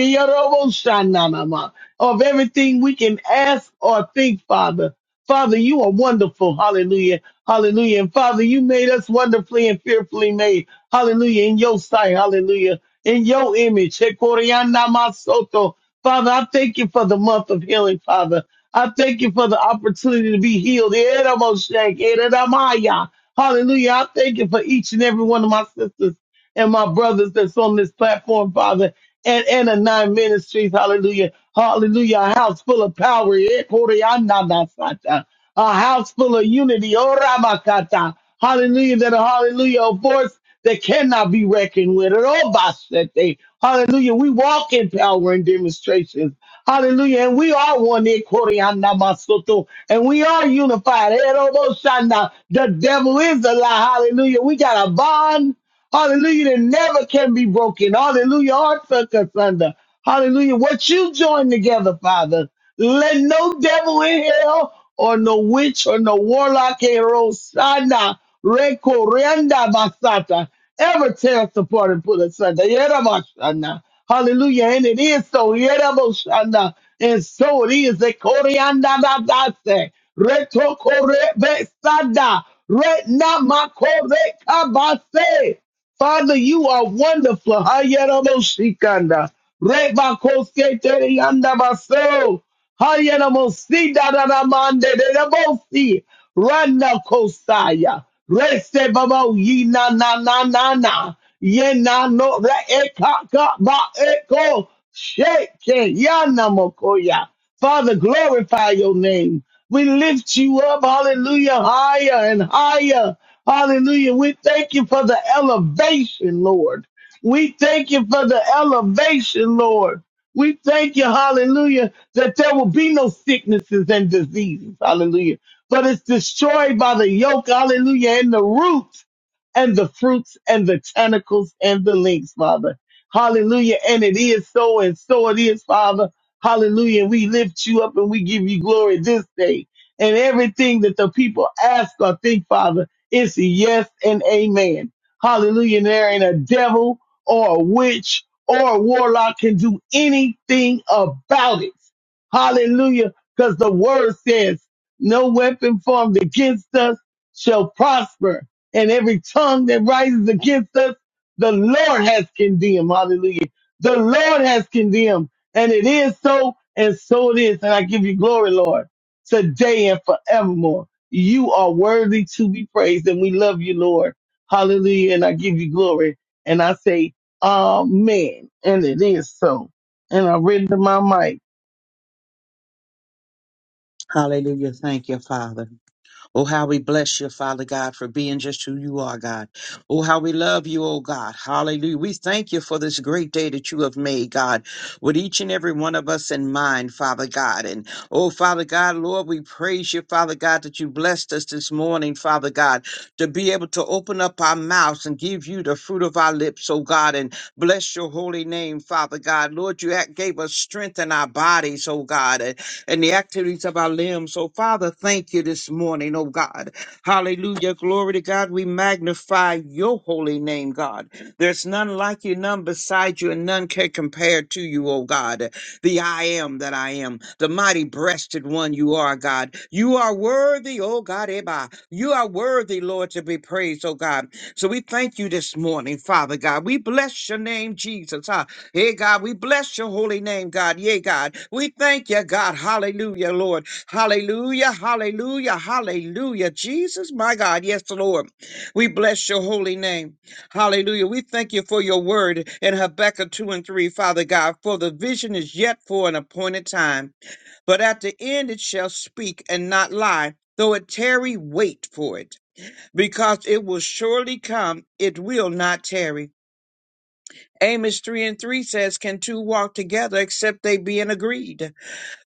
of everything we can ask or think, Father. Father, you are wonderful. Hallelujah. Hallelujah. And Father, you made us wonderfully and fearfully made. Hallelujah. In your sight. Hallelujah. In your image. Hekoriana masoto, Father, I thank you for the month of healing, Father. I thank you for the opportunity to be healed. Eremoshek, eredamaya. Hallelujah. I thank you for each and every one of my sisters and my brothers that's on this platform, Father and, and a nine ministries. Hallelujah. Hallelujah. A house full of power. Eh, koreananasata. A house full of unity. Oramakata. Hallelujah. That a hallelujah a force that cannot be reckoned with. Robasete. Hallelujah. We walk in power and demonstrations. Hallelujah. And we are one in Koreanamasoto. And we are unified. Eh, Robosana. The devil is a lie. Hallelujah. We got a bond Hallelujah. That never can be broken. Hallelujah. Heart suck us under. Hallelujah. What you join together, Father. Let no devil in hell or no witch or no warlock eh, Rosana Recorenda Basata ever tear us apart and put us under. Yera Hallelujah. And it is so. Yera And so it is. Ekorianda Basase. Retokore Besada. Retna Makore Kabase. Father, you are wonderful. Hayeramoshikanda. Rebakosketeriandabaso. Hayeramosidadadamandedebosi. Randa kosaya. Reste babo yina na na na na. Yena no re eka ka ba eko. Sheke yana mokoya. Father, glorify your name. We lift you up, hallelujah, higher and higher. Hallelujah. We thank you for the elevation, Lord. We thank you for the elevation, Lord. We thank you, hallelujah, that there will be no sicknesses and diseases, hallelujah. But it's destroyed by the yoke, hallelujah, and the roots and the fruits and the tentacles and the links, Father. Hallelujah. And it is so and so it is, Father. Hallelujah. we lift you up and we give you glory this day and everything that the people ask or think, Father. It's yes and amen. Hallelujah. And There ain't a devil or a witch or a warlock can do anything about it. Hallelujah. Because the word says, no weapon formed against us shall prosper. And every tongue that rises against us, the Lord has condemned. Hallelujah. The Lord has condemned. And it is so, and so it is. And I give you glory, Lord, today and forevermore. You are worthy to be praised, and we love you, Lord. Hallelujah. And I give you glory. And I say, Amen. And it is so. And I render my mic.
Hallelujah. Thank you, Father. Oh, how we bless you, Father God, for being just who you are, God. Oh, how we love you, oh God. Hallelujah. We thank you for this great day that you have made, God, with each and every one of us in mind, Father God. And oh, Father God, Lord, we praise you, Father God, that you blessed us this morning, Father God, to be able to open up our mouths and give you the fruit of our lips, oh God, and bless your holy name, Father God. Lord, you act- gave us strength in our bodies, oh God and the activities of our limbs. So, Father, thank you this morning, oh God. Hallelujah. Glory to God. We magnify your holy name, God. There's none like you, none beside you, and none can compare to you, oh God. The I am that I am, the mighty breasted one you are, God. You are worthy, oh God. Eba. You are worthy, Lord, to be praised, oh God. So we thank you this morning, Father God. We bless your name, Jesus. huh? Hey, God, we bless your holy name, God. Yea, God. We thank you, God. Hallelujah, Lord. Hallelujah, hallelujah, hallelujah. Jesus, my God. Yes, Lord. We bless your holy name. Hallelujah. We thank you for your word in Habakkuk 2 and 3, Father God, for the vision is yet for an appointed time. But at the end it shall speak and not lie. Though it tarry, wait for it, because it will surely come, it will not tarry. Amos 3 and 3 says, Can two walk together except they be in agreed?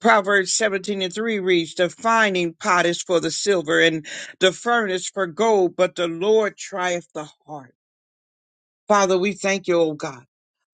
Proverbs 17 and 3 reads, The finding pot is for the silver and the furnace for gold, but the Lord trieth the heart. Father, we thank you, oh God.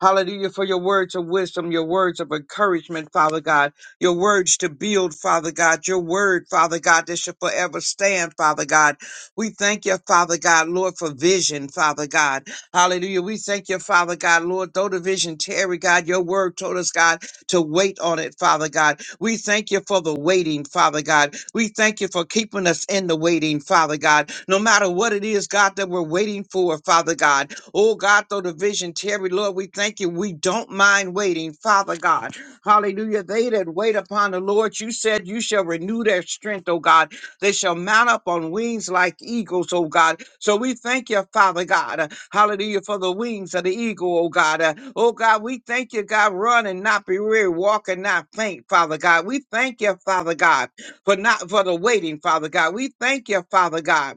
Hallelujah for your words of wisdom, your words of encouragement, Father God, your words to build, Father God, your word, Father God, that shall forever stand, Father God. We thank you, Father God, Lord, for vision, Father God. Hallelujah. We thank you, Father God, Lord, though the vision tarry, God, your word told us, God, to wait on it, Father God. We thank you for the waiting, Father God. We thank you for keeping us in the waiting, Father God. No matter what it is, God, that we're waiting for, Father God. Oh God, though the vision tarry, Lord, we thank you. We don't mind waiting, Father God. Hallelujah. They that wait upon the Lord, you said you shall renew their strength, oh God. They shall mount up on wings like eagles, oh God. So we thank you, Father God. Uh, Hallelujah for the wings of the eagle, oh God. Uh, Oh God, we thank you, God, run and not be weary, walk and not faint, Father God. We thank you, Father God, for not for the waiting, Father God. We thank you, Father God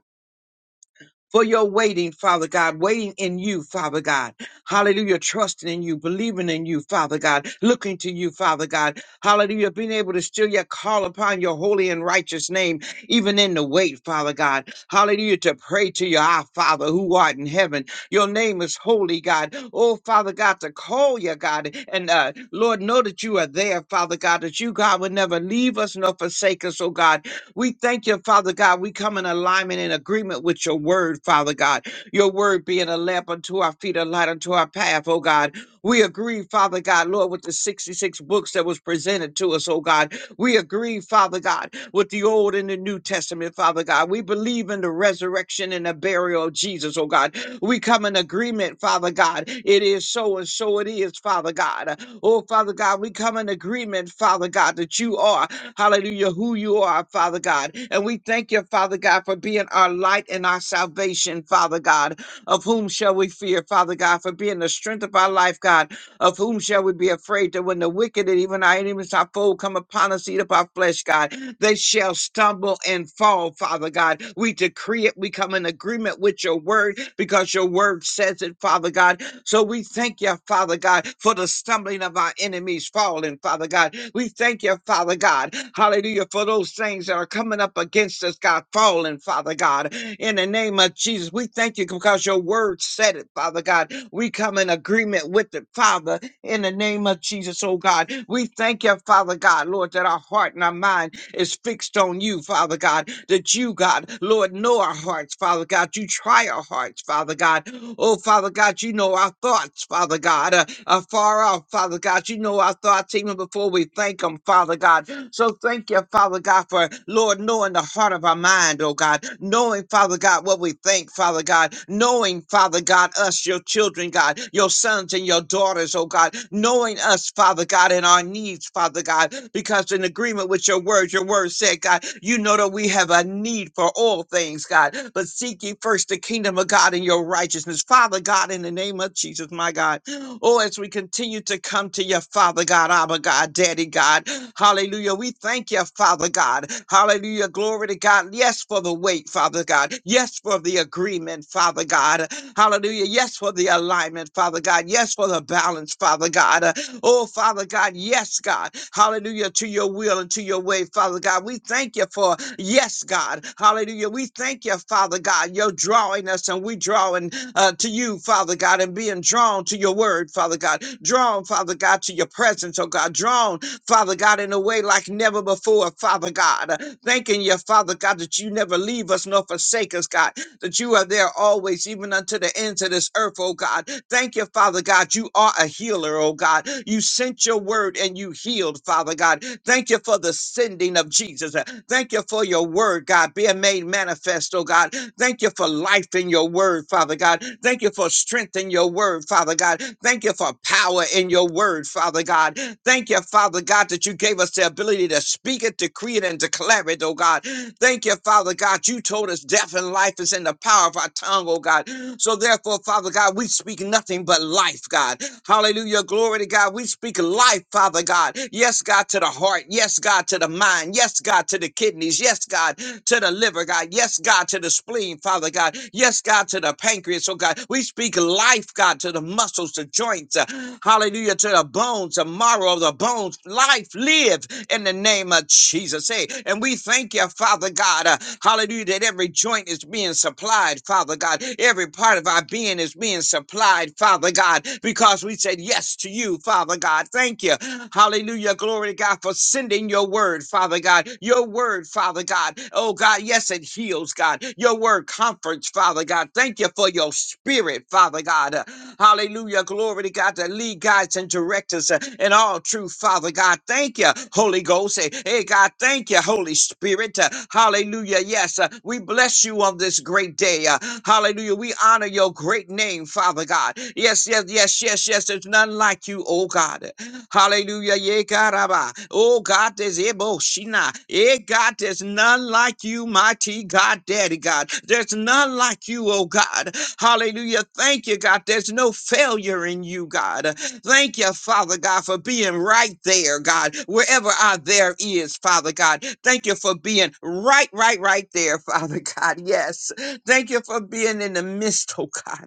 for your waiting, Father God, waiting in you, Father God. Hallelujah, trusting in you, believing in you, Father God, looking to you, Father God. Hallelujah, being able to still yet call upon your holy and righteous name, even in the wait, Father God. Hallelujah, to pray to your our Father who art in heaven. Your name is holy, God. Oh, Father God, to call you, God. And uh, Lord, know that you are there, Father God, that you, God, would never leave us nor forsake us, oh God we thank you, Father God. We come in alignment and agreement with your word, Father God. Your word being a lamp unto our feet, a light unto our path, oh God. We agree, Father God, Lord, with the 66 books that was presented to us, oh God. We agree, Father God, with the Old and the New Testament, Father God. We believe in the resurrection and the burial of Jesus, oh God. We come in agreement, Father God. It is so and so it is, Father God. Oh, Father God, we come in agreement, Father God, that you are. Hallelujah, who you are, Father God. And we thank you, Father God, for being our light and our salvation, Father God. Of whom shall we fear, Father God, for being the strength of our life, God. Of whom shall we be afraid that when the wicked and even our enemies, our foe, come upon us, eat up our flesh, God, they shall stumble and fall, Father God. We decree it. We come in agreement with your word because your word says it, Father God. So we thank you, Father God, for the stumbling of our enemies falling, Father God. We thank you, Father God, hallelujah, for those things that are coming up against us, God, falling, Father God. In the name of Jesus, we thank you because your word said it, Father God. We come in agreement with it, Father, in the name of Jesus, oh God. We thank you, Father God, Lord, that our heart and our mind is fixed on you, Father God, that you, God, Lord, know our hearts, Father God. You try our hearts, Father God. Oh, Father God, you know our thoughts, Father God, uh, uh, far off, Father God. You know our thoughts even before we thank them, Father God. So thank you, Father God, for Lord knowing the heart of our mind, oh God, knowing, Father God, what we think, Father God, knowing, Father God, us, your children, God, your sons and your daughters, oh God, knowing us, Father God, and our needs, Father God, because in agreement with your word, your word said, God, you know that we have a need, for all things, God, but seek ye first the kingdom of God and your righteousness. Father God, in the name of Jesus, my God. Oh, as we continue to come to your Father God, Abba God, Daddy God, hallelujah. We thank you, Father God. Hallelujah. Glory to God. Yes, for the wait, Father God. Yes, for the agreement, Father God. Hallelujah. Yes, for the alignment, Father God. Yes, for the balance, Father God. Oh, Father God, yes, God. Hallelujah to your will and to your way, Father God. We thank you for, yes, God. Hallelujah. We thank you, Father God. You're drawing us and we drawing uh, to you, Father God, and being drawn to your word, Father God. Drawn, Father God, to your presence, oh God. Drawn, Father God, in a way like never before, Father God. Thanking you, Father God, that you never leave us nor forsake us, God. That you are there always, even unto the ends of this earth, oh God Thank you, Father God. You are a healer, oh God. You sent your word and you healed, Father God. Thank you for the sending of Jesus. Thank you for your word, God, being made manifest, oh God. Thank you for life in your word, Father God. Thank you for strength in your word, Father God. Thank you for power in your word, Father God. Thank you, Father God, that you gave us the ability to speak it, decree it, and declare it, oh God. Thank you, Father God. You told us death and life is in the power of our tongue, oh God. So therefore, Father God, we speak nothing but life, God. Hallelujah. Glory to God. We speak life, Father God. Yes, God, to the heart. Yes, God, to the mind. Yes, God, to the kidneys. Yes, Yes, God, to the liver, God. Yes, God, to the spleen, Father God. Yes, God, to the pancreas, oh God. We speak life, God, to the muscles, the joints. uh, hallelujah, to the bones, the marrow of the bones. Life, live in the name of Jesus. Hey, and we thank you, Father God. uh, hallelujah, that every joint is being supplied, Father God. Every part of our being is being supplied, Father God, because we said yes to you, Father God. Thank you. Hallelujah. Glory to God for sending sending your word, Father God. Your word, Father God. Oh God, yes, it heals, God. Your word comforts, Father God. Thank you for your spirit, Father God. Uh, Hallelujah. Glory to God to lead guides and direct us uh, in all truth, Father God. Thank you, Holy Ghost. Hey, hey, God, thank you, Holy Spirit. Uh, Hallelujah. Yes, uh, we bless you on this great day. Uh, Hallelujah. We honor your great name, Father God. Yes, yes, yes, yes, yes. There's none like you, oh God. Hallelujah. Ye karaba. Oh, God, there's Ebo Shina. Eh, God, there's none like you, mighty God, Daddy God. There's none like you, oh God. Hallelujah. Thank you, God. There's no failure in you, God. Thank you, Father God, for being right there, God, wherever our there is, Father God. Thank you for being right, right, right there, <laughs> Father God. Yes. Thank you for being in the midst, oh God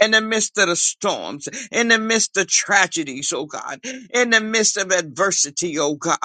in the midst of the storms, in the midst of tragedies, oh God, in the midst of adversity, oh God,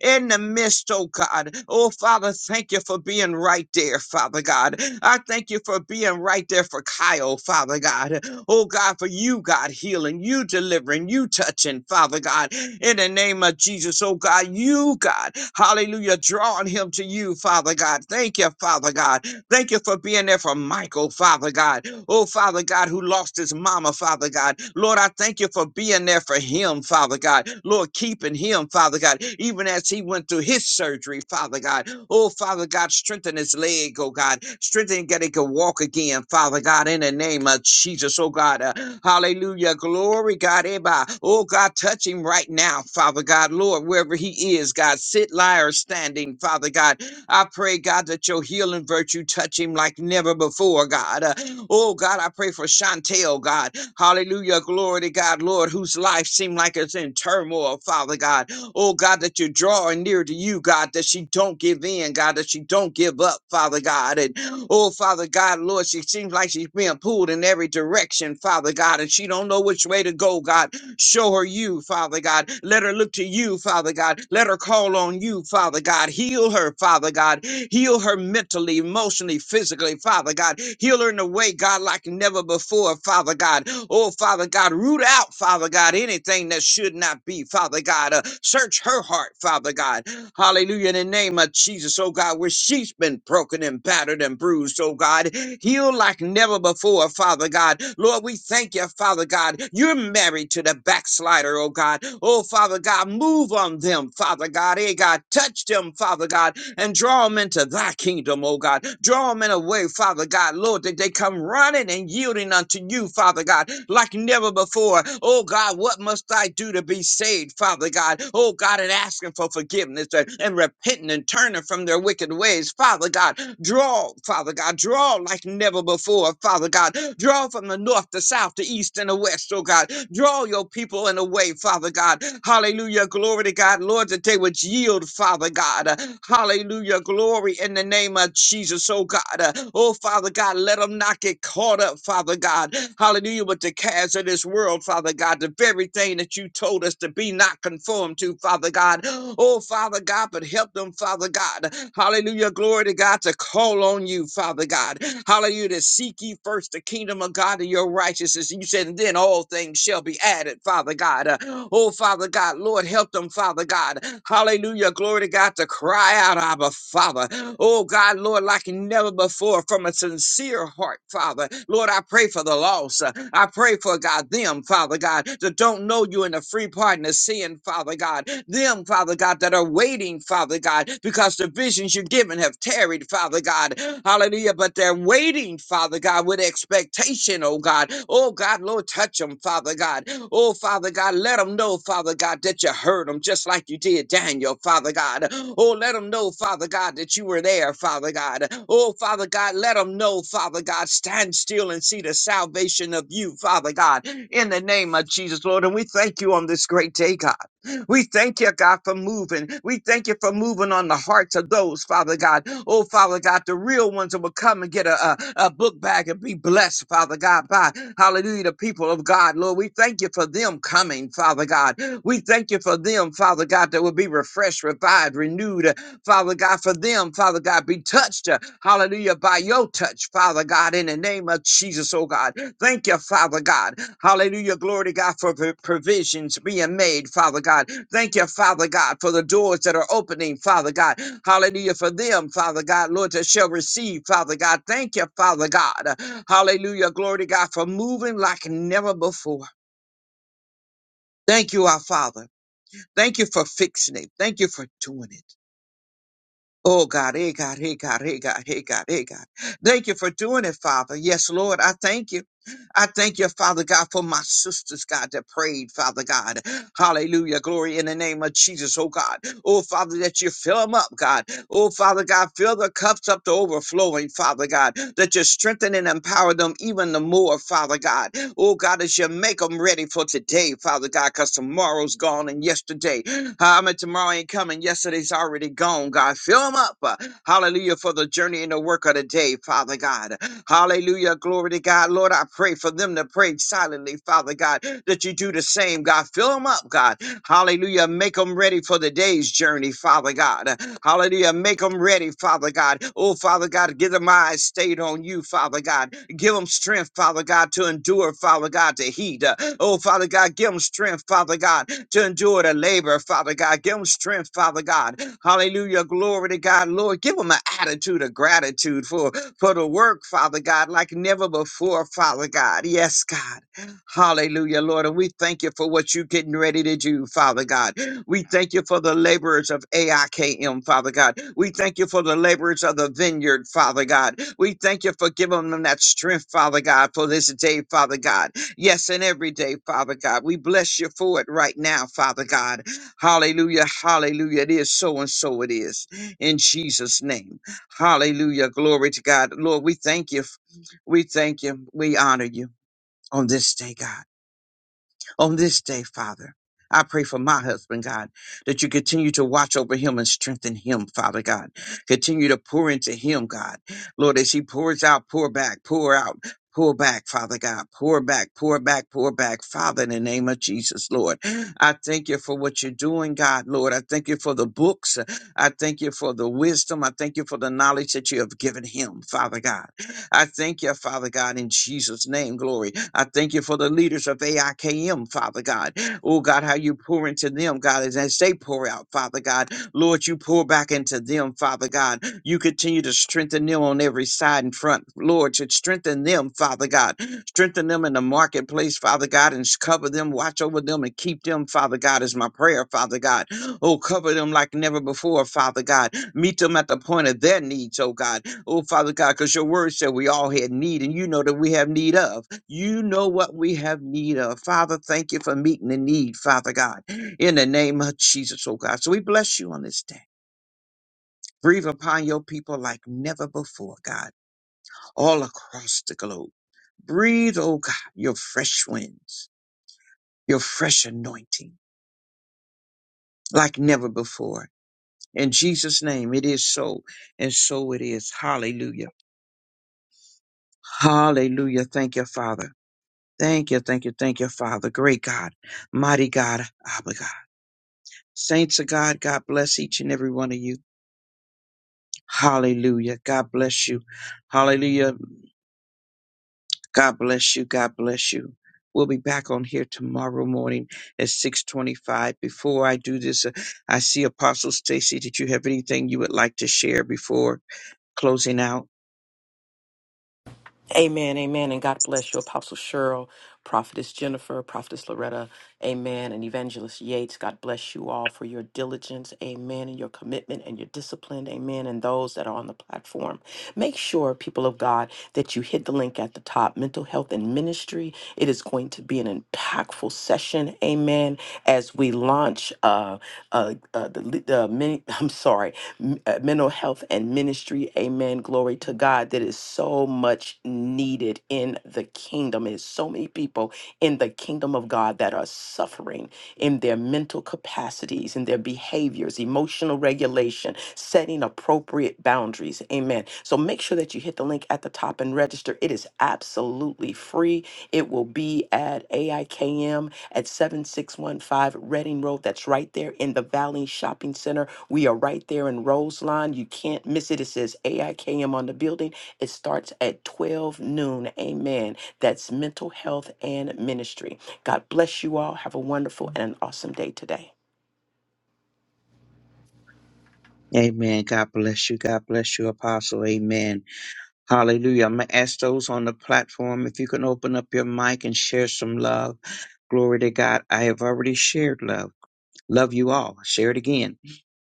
in the midst, oh God. Oh Father, thank you for being right there, Father God. I thank you for being right there for Kyle, Father God. Oh God, for you, God, healing, you delivering, you touching, Father God, in the name of Jesus, oh God, you, God, hallelujah, drawing him to you, Father God. Thank you, Father God. Thank you for being there for Michael, Father God. Oh, Father God, who lost his mama, Father God. Lord, I thank you for being there for him, Father God. Lord, keeping him, Father God, even as he went through his surgery, Father God. Oh, Father God, strengthen his leg, oh God. Strengthen that he can walk again, Father God, in the name of Jesus, oh God. Uh, hallelujah. Glory, God. Eba. Oh, God, touch him right now, Father God. Lord, wherever he is, God, sit, lie, or standing, Father God. I pray, God, that your healing virtue touch him like never before, God. Uh, oh, God, I pray for Chantel, God. Hallelujah. Glory to God, Lord, whose life seemed like it's in turmoil, Father God. Oh, God, that you draw her near to you, God, that she don't give in, God, that she don't give up, Father God. And oh, Father God, Lord, she seems like she's being pulled in every direction, Father God, and she don't know which way to go, God. Show her you, Father God. Let her look to you, Father God. Let her call on you, Father God. Heal her, Father God. Heal her mentally, emotionally, physically, Father God. Heal her in a way, God, like never before, Father God. Oh, Father God, root out, Father God, anything that should not be, Father God. Uh, search her heart, Father God. Hallelujah. In the name of Jesus, oh God, where she's been broken and battered and bruised, oh God, healed like never before, Father God. Lord, we thank you, Father God. You're married to the backslider, oh God. Oh, Father God, move on them, Father God. Hey, God, touch them, Father God and draw them into thy kingdom, oh God. Draw them in a way, Father God, Lord, that they come running and yielding unto you, Father God, like never before. Oh God, what must I do to be saved, Father God? Oh God, and asking for forgiveness and, and repenting and turning from their wicked ways, Father God. Draw, Father God, draw like never before, Father God. Draw from the north, the south, the east, and the west, oh God. Draw your people people in a way, Father God. Hallelujah. Glory to God. Lord, that they would yield, Father God. Hallelujah. Glory in the name of Jesus, oh God. Oh, Father God, let them not get caught up, Father God. Hallelujah. With the cares of this world, Father God. The very thing that you told us to be not conformed to, Father God. Oh, Father God, but help them, Father God. Hallelujah. Glory to God to call on you, Father God. Hallelujah. Hallelujah. To seek ye first the kingdom of God and your righteousness. And you said, and then all things shall be added, Father God. Uh, oh, Father God, Lord, help them, Father God. Hallelujah. Glory to God to cry out, Abba, Father. Oh, God, Lord, like never before from a sincere heart, Father. Lord, I pray for the lost. Uh, I pray for, God, them, Father God, that don't know you in the free pardon of sin, Father God. Them, Father God, that are waiting, Father God, because the visions you're given have tarried, Father God. Hallelujah. But they're waiting, Father God, with expectation, oh God. Oh God, Lord, touch them, Father God. Oh Father God, let them know, Father God, that you heard them just like you did Daniel, Father God. Oh, let them know, Father God, that you were there, Father God. Oh, Father God, let them know, Father God, stand still and see the salvation of you, Father God, in the name of Jesus, Lord. And we thank you on this great day, God. We thank you, God, for moving. We thank you for moving on the hearts of those, Father God. Oh, Father God, the real ones that will come and get a, a, a book bag and be blessed, Father God, by hallelujah, the people of God. Lord, we thank you for them coming, Father God. We thank you for them, Father God, that will be refreshed, revived, renewed, Father God, for them, Father God, be touched, uh, hallelujah, by your touch, Father God, in the name of Jesus, oh God. Thank you, Father God. Hallelujah. Glory to God for pro- provisions being made, Father God. Thank you, Father God, for the doors that are opening, Father God. Hallelujah. For them, Father God, Lord, that shall receive, Father God. Thank you, Father God. Hallelujah. Glory to God for moving like never before. Thank you, our Father. Thank you for fixing it. Thank you for doing it. Oh God, hey God, hey God, hey God, hey God, hey God. Thank you for doing it, Father. Yes, Lord, I thank you. I thank you, Father God, for my sisters, God, that prayed, Father God. Hallelujah. Glory in the name of Jesus, oh God. Oh, Father, that you fill them up, God. Oh, Father God, fill the cups up to overflowing, Father God, that you strengthen and empower them even the more, Father God. Oh, God, as you make them ready for today, Father God, because tomorrow's gone and yesterday. I mean, tomorrow ain't coming. Yesterday's already gone, God. Fill them up. uh, Hallelujah for the journey and the work of the day, Father God. Hallelujah. Glory to God. Lord, I pray for them to pray silently, Father God, that you do the same, God. Fill them up, God. Hallelujah. Make them ready for the day's journey, Father God. Hallelujah. Make them ready, Father God. Oh, Father God, give them eyes stayed on you, Father God. Give them strength, Father God, to endure, Father God, to heat. Oh, Father God, give them strength, Father God, to endure the labor, Father God. Give them strength, Father God. Hallelujah. Glory to God, Lord. Give them an attitude of gratitude for for the work, Father God, like never before, Father God. Yes, God. Hallelujah, Lord. And we thank you for what you're getting ready to do, Father God. We thank you for the laborers of AIKM, Father God. We thank you for the laborers of the vineyard, Father God. We thank you for giving them that strength, Father God, for this day, Father God. Yes, and every day, Father God. We bless you for it right now, Father God. Hallelujah, hallelujah. It is so and so it is. In Jesus' name. Hallelujah. Glory to God. Lord, we thank you. We thank you. We honor you on this day, God on this day, Father. I pray for my husband, God, that you continue to watch over him and strengthen him, Father God. Continue to pour into him, God. Lord, as he pours out, pour back, pour out, pour back, Father God. Pour back, pour back, pour back, Father, in the name of Jesus, Lord. I thank you for what you're doing, God, Lord. I thank you for the books. I thank you for the wisdom. I thank you for the knowledge that you have given him, Father God. I thank you, Father God, in Jesus' name, glory. I thank you for the leaders of AIKM, Father God. Oh, God, how you pour into them, God, as as they pour out, Father God. Lord, you pour back into them, Father God. You continue to strengthen them on every side and front. Lord, to strengthen them, Father God. Strengthen them in the marketplace, Father God, and s- cover them, watch over them, and keep them, Father God, is my prayer, Father God. Oh, cover them like never before, Father God. Meet them at the point of their needs, oh God. Oh, Father God, because your word said we all had need, and you know that we have need of. You know what we have need of. Father, thank you for meeting the need, Father God, in the name of Jesus, oh God. So we bless you on this day. Breathe upon your people like never before, God, all across the globe. Breathe, oh God, your fresh winds, your fresh anointing like never before. In Jesus' name, it is so, and so it is. Hallelujah. Hallelujah. Thank you, Father. Thank you, thank you, thank you, Father. Great God, mighty God, Abba God. Saints of God, God bless each and every one of you. Hallelujah. God bless you. Hallelujah. God bless you. God bless you. We'll be back on here tomorrow morning at 625. Before I do this, uh, I see Apostle Stacy. Did you have anything you would like to share before closing out?
Amen, amen, and God bless you, Apostle Cheryl, Prophetess Jennifer, Prophetess Loretta, amen, and Evangelist Yates. God bless you all for your diligence, amen, and your commitment and your discipline, amen, and those that are on the platform. Make sure, people of God, that you hit the link at the top, Mental Health and Ministry. It is going to be an impactful session, amen, as we launch uh, uh, uh, the, le- the mini, <laughs> I'm sorry, m- uh, mental health and ministry. Amen. Glory to God. That is so much needed in the kingdom. There's so many people in the kingdom of God that are suffering in their mental capacities, in their behaviors, emotional regulation, setting appropriate boundaries. Amen. So make sure that you hit the link at the top and register. It is absolutely free. It will be at AIKM at 7 7615 Reading Road. That's right there in the Valley Shopping Center. We are right there in Roseline. You can't miss it. It says AIKM on the building. It starts at 12 noon. Amen. That's mental health and ministry. God bless you all. Have a wonderful and an awesome day today.
Amen. God bless you. God bless you, Apostle. Amen. Hallelujah. I'm going to ask those on the platform if you can open up your mic and share some love. Glory to God. I have already shared love. Love you all. Share it again.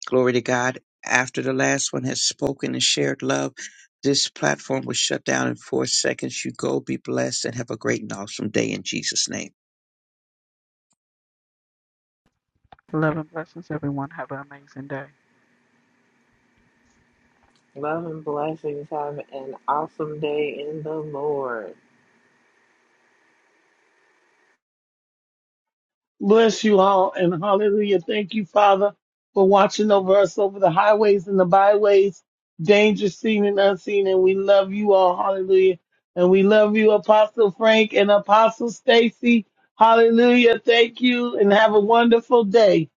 Glory to God. After the last one has spoken and shared love, this platform will shut down in four seconds. You go, be blessed, and have a great and awesome day in Jesus' name.
Love and blessings. Have an awesome day in the Lord.
Bless you all, and hallelujah. Thank you, Father, for watching over us over the highways and the byways, dangerous seen and unseen. And we love you all. Hallelujah. And we love you, Apostle Frank and Apostle Stacy. Hallelujah. Thank you, and have a wonderful day.